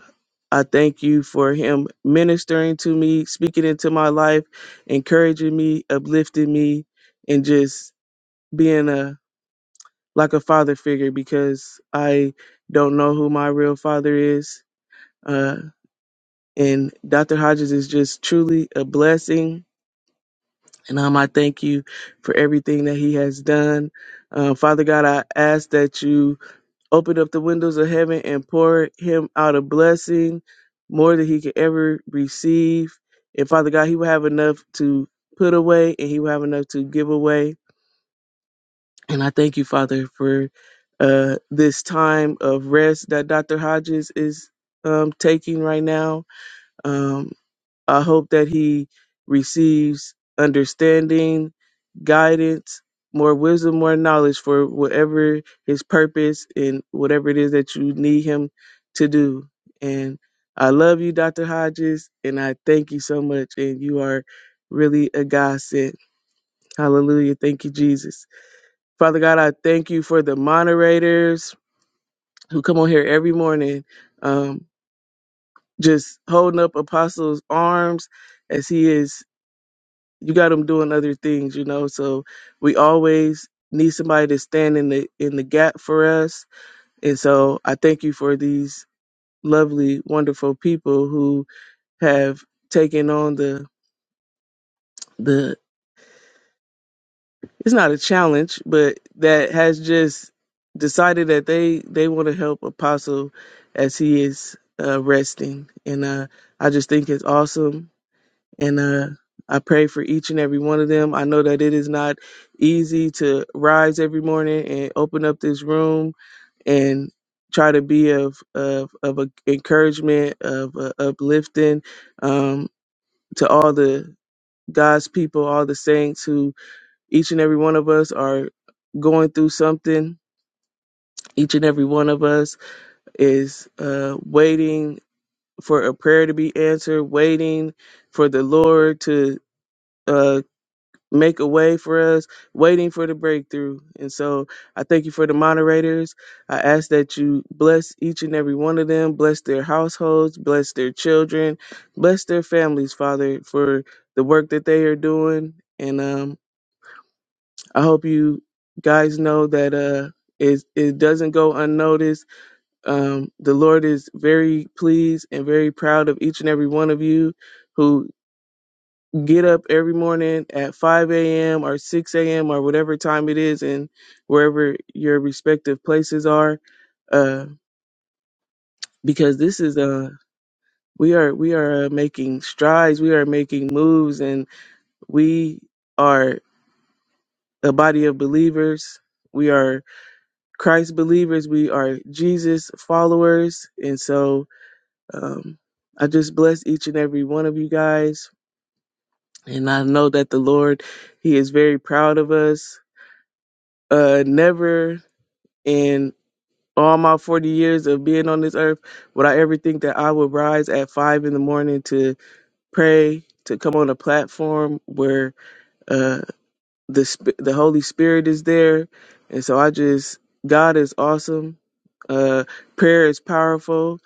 Speaker 6: I thank you for him ministering to me, speaking into my life, encouraging me, uplifting me, and just being a like a father figure because I don't know who my real father is. Uh, and Dr. Hodges is just truly a blessing. And um, I thank you for everything that he has done. Uh, Father God, I ask that you open up the windows of heaven and pour him out a blessing more than he could ever receive. And Father God, he will have enough to put away and he will have enough to give away. And I thank you, Father, for uh, this time of rest that Dr. Hodges is um, taking right now. Um, I hope that he receives understanding, guidance, more wisdom, more knowledge for whatever his purpose and whatever it is that you need him to do. And I love you, Dr. Hodges, and I thank you so much. And you are really a godsend. Hallelujah. Thank you, Jesus. Father God, I thank you for the moderators who come on here every morning, um, just holding up Apostle's arms as he is you got them doing other things, you know. So we always need somebody to stand in the in the gap for us. And so I thank you for these lovely, wonderful people who have taken on the the it's not a challenge, but that has just decided that they they want to help Apostle as he is uh, resting. And uh, I just think it's awesome and uh, I pray for each and every one of them. I know that it is not easy to rise every morning and open up this room and try to be of of of a encouragement of uh, uplifting um, to all the God's people, all the saints who each and every one of us are going through something. Each and every one of us is uh, waiting for a prayer to be answered, waiting for the Lord to. uh, make a way for us, waiting for the breakthrough. And so I thank you for the moderators. I ask that you bless each and every one of them, bless their households, bless their children, bless their families, Father, for the work that they are doing. And um, I hope you guys know that uh, it, it doesn't go unnoticed. Um, the Lord is very pleased and very proud of each and every one of you. Who get up every morning at 5 a.m. or 6 a.m. or whatever time it is and wherever your respective places are uh, because this is a we are we are uh, making strides we are making moves and we are a body of believers we are christ believers we are jesus followers and so um, i just bless each and every one of you guys and i know that the lord he is very proud of us uh never in all my 40 years of being on this earth, would I ever think that I would rise at five in the morning to pray, to come on a platform where uh, the sp- the Holy Spirit is there? And so I just, God is awesome. Uh, prayer is powerful.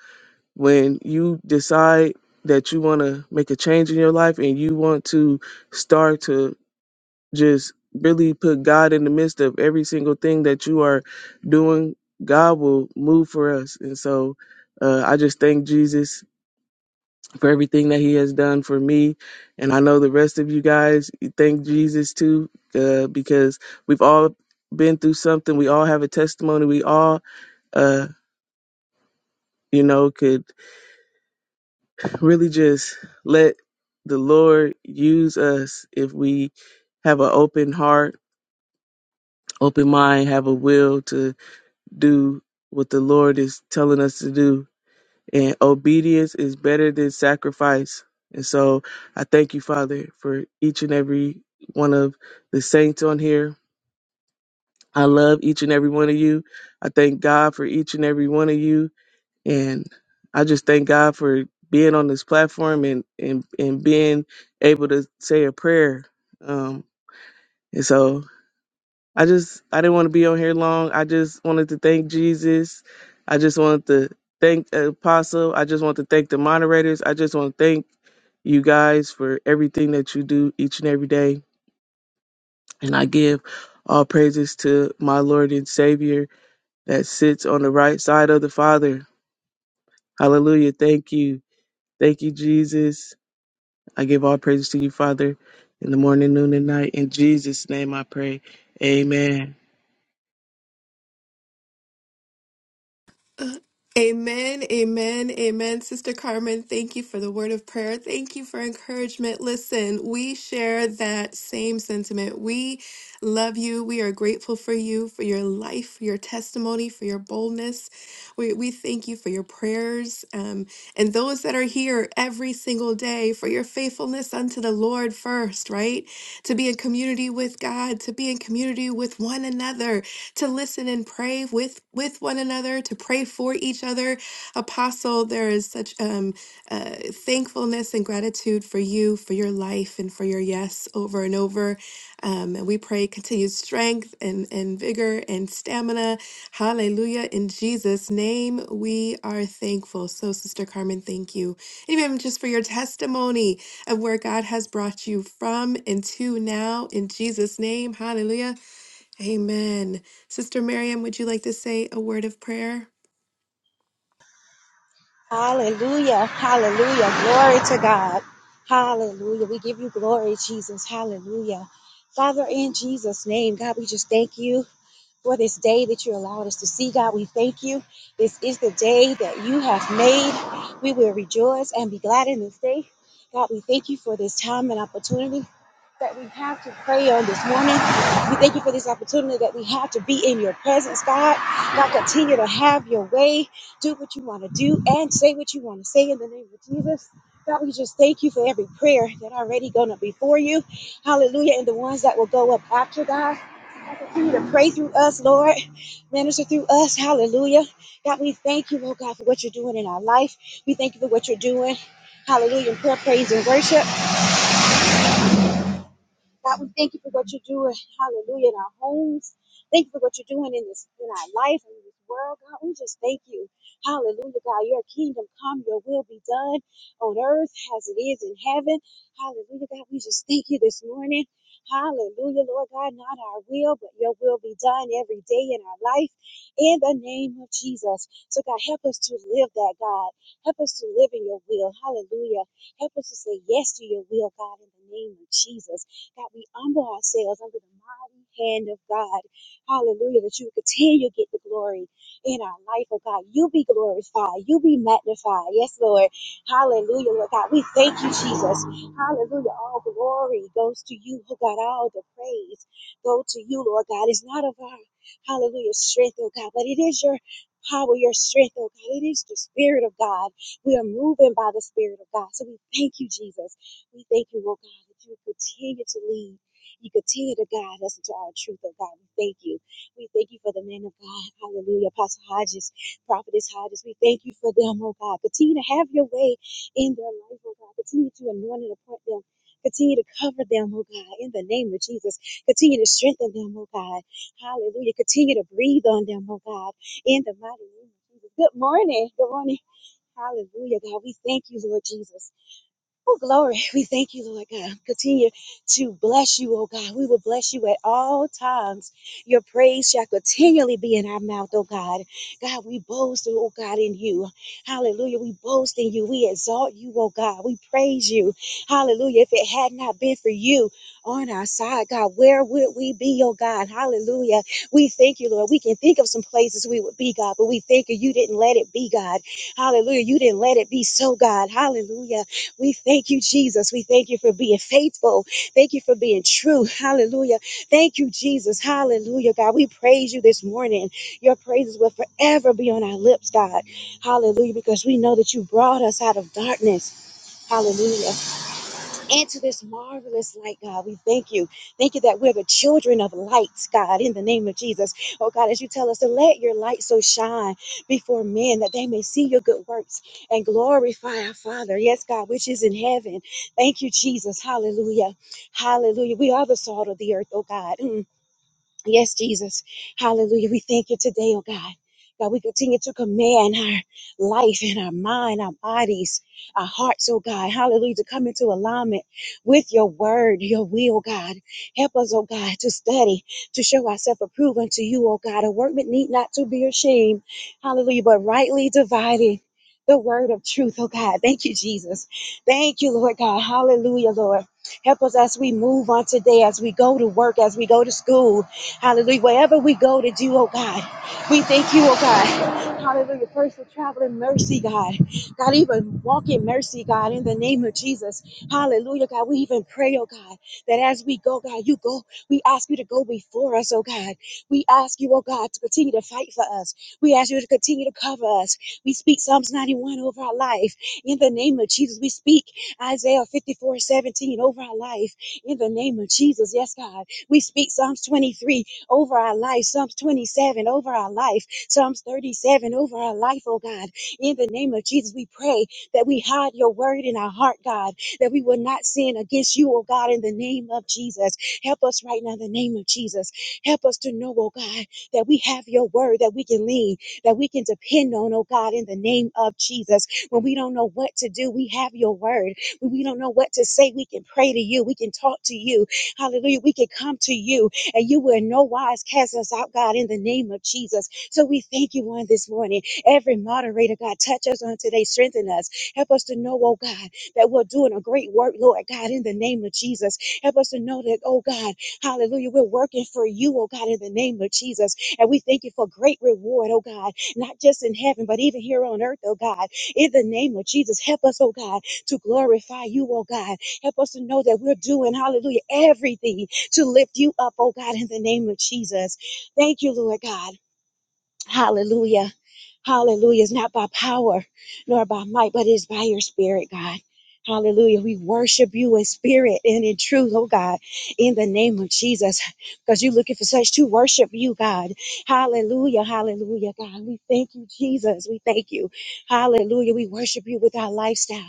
Speaker 6: When you decide that you want to make a change in your life and you want to start to just really put God in the midst of every single thing that you are doing, God will move for us. And so uh, I just thank Jesus for everything that he has done for me. And I know the rest of you guys thank Jesus too, uh, because we've all been through something. We all have a testimony. We all, uh, you know, could really just let the Lord use us if we have an open heart, open mind, have a will to. do what the Lord is telling us to do. And obedience is better than sacrifice. And so I thank you, Father, for each and every one of the saints on here. I love each and every one of you. I thank God for each and every one of you. And I just thank God for being on this platform and, and, and being able to say a prayer. Um, and so I just I didn't want to be on here long. I just wanted to thank Jesus. I just wanted to thank the Apostle. I just want to thank the moderators. I just want to thank you guys for everything that you do each and every day. And I give all praises to my Lord and Savior that sits on the right side of the Father. Hallelujah. Thank you. Thank you, Jesus. I give all praises to you, Father, in the morning, noon, and night. In Jesus' name I pray. Amen.
Speaker 1: Amen, amen, amen. Sister Carmen, thank you for the word of prayer. Thank you for encouragement. Listen, we share that same sentiment. We love you. We are grateful for you, for your life, for your testimony, for your boldness. We, we thank you for your prayers um, and those that are here every single day for your faithfulness unto the Lord first, right? To be in community with God, to be in community with one another to listen and pray with with one another, to pray for each other. Apostle, there is such um, uh, thankfulness and gratitude for you, for your life, and for your yes over and over. Um, and we pray continued strength and, and vigor and stamina. Hallelujah. In Jesus' name, we are thankful. So, Sister Carmen, thank you. Even just for your testimony of where God has brought you from and to now, in Jesus' name. Hallelujah. Amen. Sister Miriam, would you like to say a word of prayer?
Speaker 5: Hallelujah. Hallelujah. Glory to God. Hallelujah. We give you glory, Jesus. Hallelujah. Father, in Jesus' name, God, we just thank you. for this day that you allowed us to see, God. We thank you. This is the day that you have made. We will rejoice and be glad in this day. God, we thank you for this time and opportunity that we have to pray on this morning. We thank you for this opportunity that we have to be in your presence, God. God, continue to have your way. Do what you want to do and say what you want to say in the name of Jesus. God, we just thank you for every prayer that already gone up before you. Hallelujah. And the ones that will go up after God. Continue to pray through us, Lord. Minister through us. Hallelujah. God, we thank you, oh God, for what you're doing in our life. We thank you for what you're doing. Hallelujah. In prayer, praise, and worship. God, we thank you for what you're doing. Hallelujah. In our homes. Thank you for what you're doing in this in our life and in this world. God, we just thank you. Hallelujah, God. Your kingdom come, your will be done on earth as it is in heaven. Hallelujah, God. We just thank you this morning. Hallelujah, Lord God, not our will, but your will be done every day in our life in the name of Jesus. So, God, help us to live that, God. Help us to live in your will. Hallelujah. Help us to say yes to your will, God, in the name of Jesus. That we humble ourselves under the mighty hand of God. Hallelujah. That you continue to get the glory in our life, oh God. You be glorified. You be magnified. Yes, Lord. Hallelujah, Lord God. We thank you, Jesus. Hallelujah. All glory goes to you, oh God. All the praise go to you, Lord God. It's not of our hallelujah strength, oh God, but it is your power, your strength, oh God. It is the Spirit of God. We are moving by the Spirit of God. So we thank you, Jesus. We thank you, oh God, that you continue to lead. You continue to guide us into our truth, oh God. We thank you. We thank you for the man of God. Hallelujah. Apostle Hodges, Prophetess Hodges. We thank you for them, oh God. Continue to have your way in their life, oh God. Continue to anoint and appoint them. Continue to cover them, oh God, in the name of Jesus. Continue to strengthen them, oh God. Hallelujah. Continue to breathe on them, oh God, in the mighty name of Jesus. Good morning. Good morning. Hallelujah, God. We thank you, Lord Jesus. Oh, glory. We thank you, Lord God. Continue to bless you, oh God. We will bless you at all times. Your praise shall continually be in our mouth, oh God. God, we boast, oh God, in you. Hallelujah. We boast in you. We exalt you, oh God. We praise you. Hallelujah. If it had not been for you on our side, God, where would we be, oh God? Hallelujah. We thank you, Lord. We can think of some places we would be, God, but we thank you. You didn't let it be, God. Hallelujah. You didn't let it be so, God. Hallelujah. We thank you, Jesus. We thank you for being faithful. Thank you for being true. Hallelujah. Thank you, Jesus. Hallelujah, God. We praise you this morning. Your praises will forever be on our lips, God. Hallelujah, because we know that you brought us out of darkness. Hallelujah into this marvelous light, God. We thank you. Thank you that we're the children of lights, God, in the name of Jesus. Oh, God, as you tell us to let your light so shine before men that they may see your good works and glorify our Father. Yes, God, which is in heaven. Thank you, Jesus. Hallelujah. Hallelujah. We are the salt of the earth, oh, God. Mm. Yes, Jesus. Hallelujah. We thank you today, oh God. God, we continue to command our life and our mind, our bodies, our hearts, oh God. Hallelujah. To come into alignment with your word, your will, God. Help us, oh God, to study, to show ourselves approved unto you, oh God. A workman need not to be ashamed. Hallelujah. But rightly divided. The word of truth, oh God. Thank you, Jesus. Thank you, Lord God. Hallelujah, Lord. Help us as we move on today, as we go to work, as we go to school, Hallelujah. Wherever we go to do, oh God, we thank you, oh God. Hallelujah. First for traveling mercy, God. God, even walk in mercy, God, in the name of Jesus. Hallelujah, God. We even pray, oh God, that as we go, God, you go. We ask you to go before us, oh God. We ask you, oh God, to continue to fight for us. We ask you to continue to cover us. We speak Psalms 91 over our life. In the name of Jesus, we speak Isaiah 54:17 over our life. In the name of Jesus, yes, God. We speak Psalms 23 over our life, Psalms 27 over our life, Psalms 37 over our life, oh God. In the name of Jesus, we pray that we hide your word in our heart, God, that we will not sin against you, oh God, in the name of Jesus. Help us right now, in the name of Jesus. Help us to know, oh God, that we have your word that we can lean, that we can depend on, oh God, in the name of Jesus. When we don't know what to do, we have your word. When we don't know what to say, we can pray to you, we can talk to you. Hallelujah. We can come to you and you will in no wise cast us out, God, in the name of Jesus. So we thank you on this morning. Every moderator, God, touch us on today, strengthen us. Help us to know, oh God, that we're doing a great work, Lord God, in the name of Jesus. Help us to know that, oh God, hallelujah, we're working for you, oh God, in the name of Jesus. And we thank you for great reward, oh God, not just in heaven, but even here on earth, oh God, in the name of Jesus. Help us, oh God, to glorify you, oh God. Help us to know that we're doing, hallelujah, everything to lift you up, oh God, in the name of Jesus. Thank you, Lord God. Hallelujah. Hallelujah. It's not by power nor by might, but it's by your spirit, God. Hallelujah. We worship you in spirit and in truth, oh God, in the name of Jesus, because you're looking for such to worship you, God. Hallelujah. Hallelujah, God. We thank you, Jesus. We thank you. Hallelujah. We worship you with our lifestyle.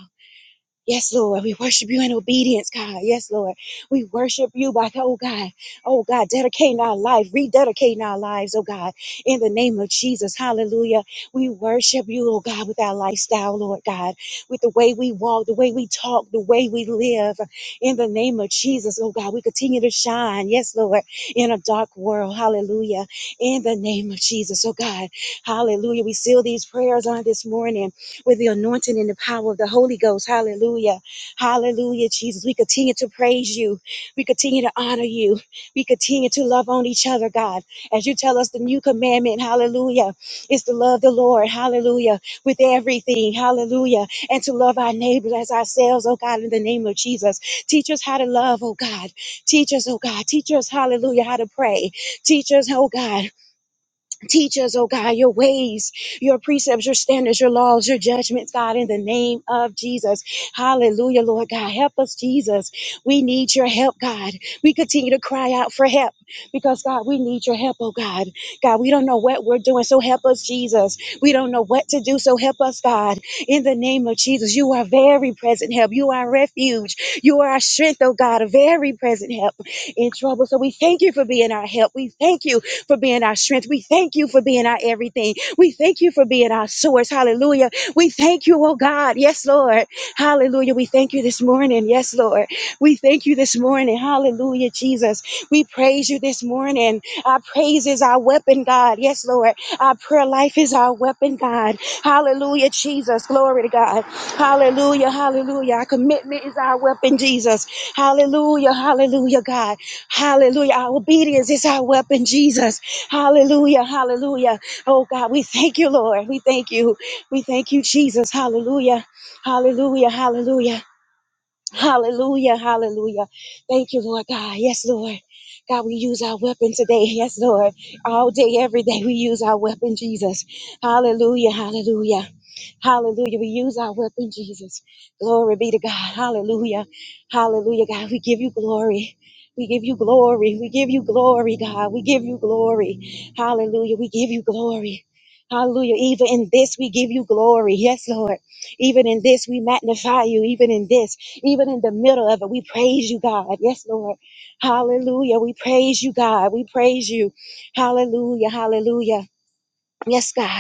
Speaker 5: Yes, Lord, we worship you in obedience, God. Yes, Lord, we worship you by, oh God, oh God, dedicating our life, rededicating our lives, oh God, in the name of Jesus. Hallelujah. We worship you, oh God, with our lifestyle, Lord God, with the way we walk, the way we talk, the way we live, in the name of Jesus, oh God. We continue to shine, yes, Lord, in a dark world. Hallelujah. In the name of Jesus, oh God. Hallelujah. We seal these prayers on this morning with the anointing and the power of the Holy Ghost. Hallelujah. Hallelujah, Jesus. We continue to praise you. We continue to honor you. We continue to love on each other, God. As you tell us the new commandment, hallelujah, is to love the Lord, hallelujah, with everything, hallelujah, and to love our neighbors as ourselves, oh God, in the name of Jesus. Teach us how to love, oh God. Teach us, oh God. Teach us, hallelujah, how to pray. Teach us, oh God. Teach us, oh God, your ways, your precepts, your standards, your laws, your judgments, God, in the name of Jesus. Hallelujah, Lord God. Help us, Jesus. We need your help, God. We continue to cry out for help because, God, we need your help, oh God. God, we don't know what we're doing, so help us, Jesus. We don't know what to do, so help us, God. In the name of Jesus, you are very present help. You are refuge. You are our strength, oh God, a very present help in trouble. So we thank you for being our help. We thank you for being our strength. We thank you for being our everything. We thank you for being our source. Hallelujah. We thank you, oh God. Yes, Lord. Hallelujah. We thank you this morning. Yes, Lord. We thank you this morning. Hallelujah, Jesus. We praise you this morning. Our praise is our weapon, God. Yes, Lord. Our prayer life is our weapon, God. Hallelujah, Jesus. Glory to God. Hallelujah. Hallelujah. Our commitment is our weapon, Jesus. Hallelujah. Hallelujah, God. Hallelujah. Our obedience is our weapon, Jesus. Hallelujah. Hallelujah. Oh God, we thank you, Lord. We thank you. We thank you, Jesus. Hallelujah. Hallelujah. Hallelujah. Hallelujah. Hallelujah. Thank you, Lord God. Yes, Lord. God, we use our weapon today. Yes, Lord. All day, every day, we use our weapon, Jesus. Hallelujah. Hallelujah. Hallelujah. We use our weapon, Jesus. Glory be to God. Hallelujah. Hallelujah, God. We give you glory. We give you glory. We give you glory, God. We give you glory. Hallelujah. We give you glory. Hallelujah. Even in this, we give you glory. Yes, Lord. Even in this, we magnify you. Even in this, even in the middle of it, we praise you, God. Yes, Lord. Hallelujah. We praise you, God. We praise you. Hallelujah. Hallelujah. Yes, God.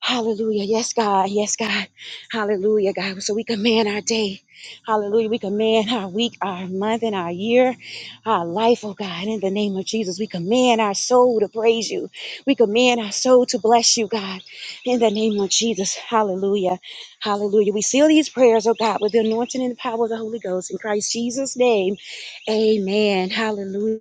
Speaker 5: Hallelujah. Yes, God. Yes, God. Hallelujah, God. So we command our day. Hallelujah. We command our week, our month, and our year, our life, oh God. In the name of Jesus, we command our soul to praise you. We command our soul to bless you, God. In the name of Jesus. Hallelujah. Hallelujah. We seal these prayers, oh God, with the anointing and the power of the Holy Ghost. In Christ Jesus' name, amen. Hallelujah.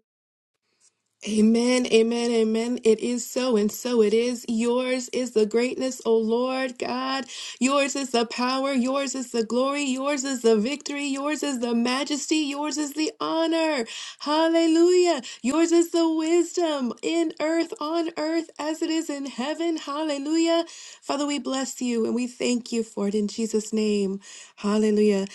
Speaker 1: Amen, amen, amen. It is so, and so it is. Yours is the greatness, O Lord God. Yours is the power. Yours is the glory. Yours is the victory. Yours is the majesty. Yours is the honor. Hallelujah. Yours is the wisdom in earth, on earth, as it is in heaven. Hallelujah. Father, we bless you and we thank you for it in Jesus' name. Hallelujah.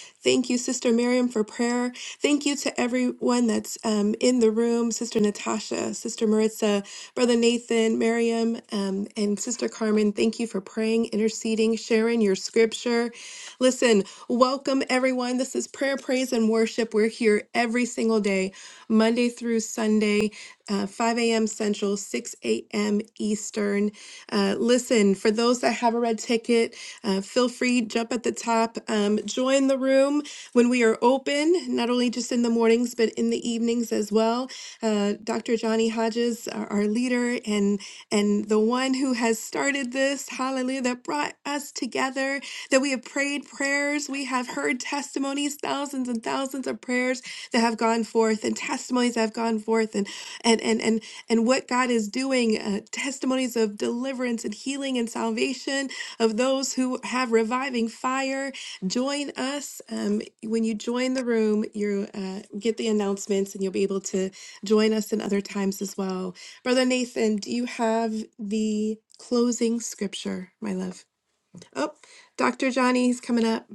Speaker 1: Thank you, Sister Miriam, for prayer. Thank you to everyone that's um, in the room Sister Natasha, Sister Maritza, Brother Nathan, Miriam, um, and Sister Carmen. Thank you for praying, interceding, sharing your scripture. Listen, welcome everyone. This is Prayer, Praise, and Worship. We're here every single day, Monday through Sunday, uh, 5 a.m. Central, 6 a.m. Eastern. Uh, listen, for those that have a red ticket, uh, feel free, jump at the top, um, join the room when we are open, not only just in the mornings, but in the evenings as well. Uh, Dr. Johnny Hodges, our, our leader and and the one who has started this, hallelujah, that brought us together, that we have prayed prayers, we have heard testimonies, thousands and thousands of prayers that have gone forth and testimonies that have gone forth and and and and and what God is doing, uh, testimonies of deliverance and healing and salvation of those who have reviving fire join us. Um, when you join the room, you uh, get the announcements and you'll be able to join us in other times as well. Brother Nathan, do you have the closing scripture, my love? Oh, Dr. Johnny, he's coming up.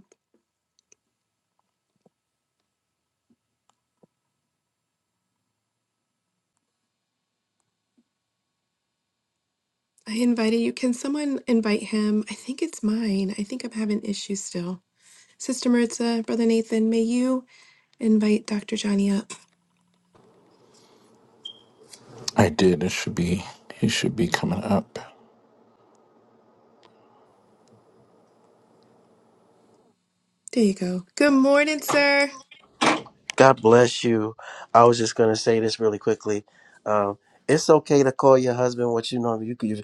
Speaker 1: I invited you. Can someone invite him? I think it's mine. I think I'm having issues still. Sister Maritza, Brother Nathan, may you invite Dr. Johnny up.
Speaker 4: I did. It should be. It should be coming up.
Speaker 1: There you go. Good morning, sir.
Speaker 7: God bless you. I was just gonna say this really quickly. Um, it's okay to call your husband what you know. You, could- you,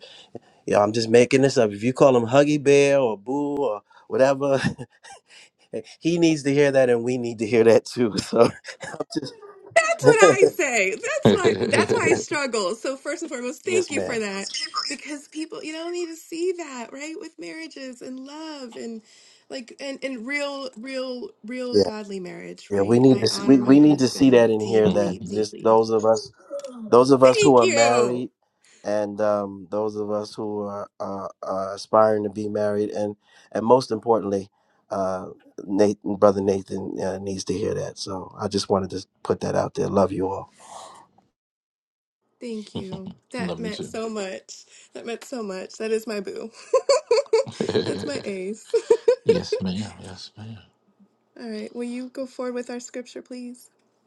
Speaker 7: yeah, I'm just making this up. If you call him Huggy Bear or Boo or whatever, he needs to hear that, and we need to hear that too. So, just,
Speaker 1: That's what I say. That's why that's why I struggle. So first and foremost, thank
Speaker 7: yes,
Speaker 1: you for
Speaker 7: ma'am.
Speaker 1: that. Because people, you don't need to see that, right? With marriages and love and like and, and real, real, real
Speaker 7: Yeah,
Speaker 1: godly marriage,
Speaker 7: yeah. We
Speaker 1: right?
Speaker 7: need to.
Speaker 1: I
Speaker 7: s-
Speaker 1: honor
Speaker 7: We,
Speaker 1: my
Speaker 7: we need to see
Speaker 1: husband
Speaker 7: that and hear that.
Speaker 1: deeply,
Speaker 7: Just
Speaker 1: deeply.
Speaker 7: those of us those of us who
Speaker 1: Thank
Speaker 7: are
Speaker 1: you.
Speaker 7: married and um, those of us who are, are, are aspiring to be married and and most importantly uh, Nathan, brother Nathan uh, needs to hear that so I just wanted to put that out there love you all
Speaker 1: Thank you. That
Speaker 4: Love you
Speaker 1: meant
Speaker 4: too.
Speaker 1: so much. That meant so much. That is my boo. That's my ace.
Speaker 4: yes, ma'am. Yes, ma'am.
Speaker 1: All right. Will you go forward with our scripture, please?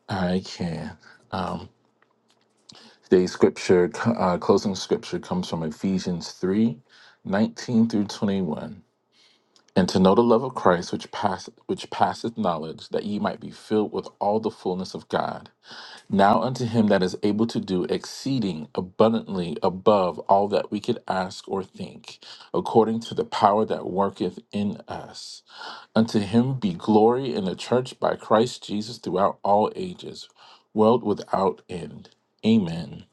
Speaker 4: I can. Um, today's scripture, uh, closing scripture, comes from Ephesians three, nineteen through twenty-one. And to know the love of Christ, which pass which passeth knowledge, that ye might be filled with all the fullness of God. Now unto him that is able to do exceeding abundantly above all that we could ask or think, according to the power that worketh in us. Unto him be glory in the church by Christ Jesus throughout all ages, world without end. Amen.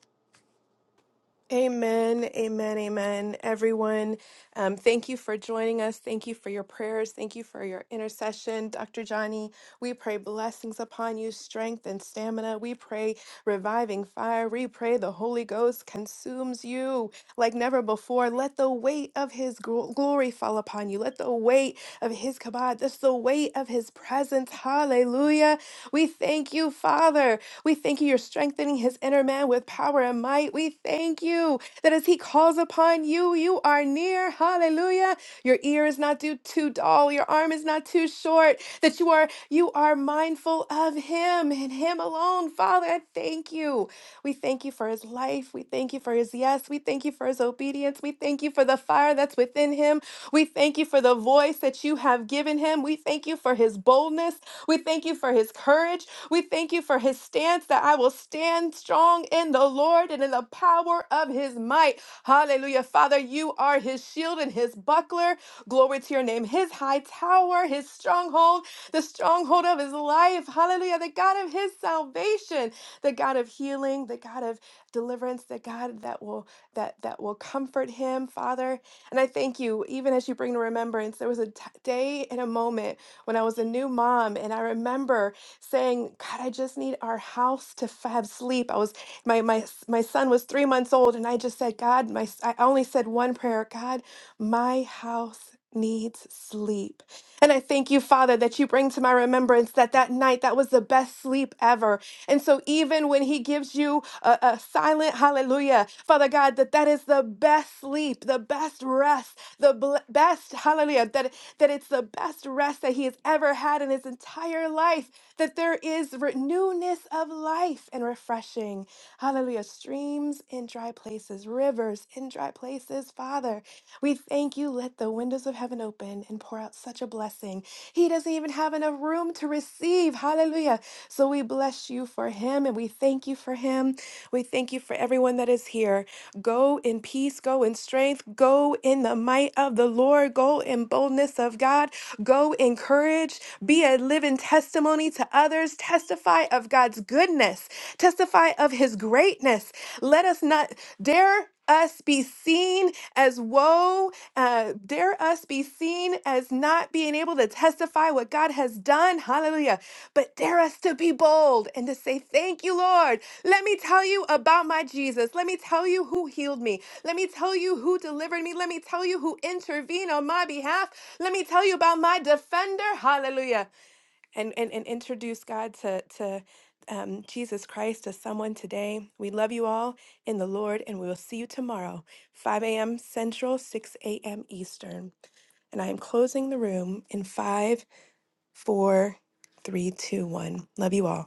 Speaker 1: Amen, amen, amen. Everyone, um, thank you for joining us. Thank you for your prayers. Thank you for your intercession. Dr. Johnny, we pray blessings upon you, strength and stamina. We pray reviving fire. We pray the Holy Ghost consumes you like never before. Let the weight of his gl- glory fall upon you. Let the weight of his kabod, just the weight of his presence. Hallelujah. We thank you, Father. We thank you, you're strengthening his inner man with power and might. We thank you that as he calls upon you, you are near. Hallelujah. Your ear is not too, too dull, your arm is not too short, that you are you are mindful of him and him alone. Father, I thank you. We thank you for for his life. We thank you for his yes. We thank you for his obedience. We thank you for the fire that's within him. We thank you for the voice that you have given him. We thank you for his boldness. We thank you for his courage. We thank you for his stance that I will stand strong in the Lord and in the power of his might. Hallelujah. Father, you are his shield and his buckler. Glory to your name. His high tower, his stronghold, the stronghold of his life. Hallelujah. The God of his salvation, the God of healing, the God of deliverance that God that will that that will comfort him, Father. And I thank you even as you bring to remembrance there was a t- day and a moment when I was a new mom and I remember saying, "God, I just need our house to f- have sleep." I was my my s- my son was 3 months old and I just said, "God, my s- I only said one prayer, God, my house needs sleep." And I thank you, Father, that you bring to my remembrance that that night that was the best sleep ever and so even when he gives you a, a silent hallelujah, Father God, that that is the best sleep, the best rest, the bl- best hallelujah, That that it's the best rest that he has ever had in his entire life, that there is re- newness of life and refreshing. Hallelujah. Streams in dry places, rivers in dry places. Father, we thank you. Let the windows of heaven open and pour out such a blessing. He doesn't even have enough room to receive. Hallelujah. So we bless you for for him and we thank you for him. We thank you for everyone that is here. Go in peace, go in strength, go in the might of the Lord, go in boldness of God, go in courage, be a living testimony to others, testify of God's goodness, testify of his greatness. Let us not dare us be seen as woe, uh, dare us be seen as not being able to testify what God has done. Hallelujah. But dare us to be bold and to say, Thank you, Lord. Let me tell you about my Jesus. Let me tell you who healed me. Let me tell you who delivered me. Let me tell you who intervened on my behalf. Let me tell you about my defender. Hallelujah and and, and introduce God to to um, Jesus Christ to someone today. We love you all in the Lord, and we will see you tomorrow, 5 a.m. Central, 6 a.m. Eastern. And I am closing the room in five, four, three, two, one. Love you all.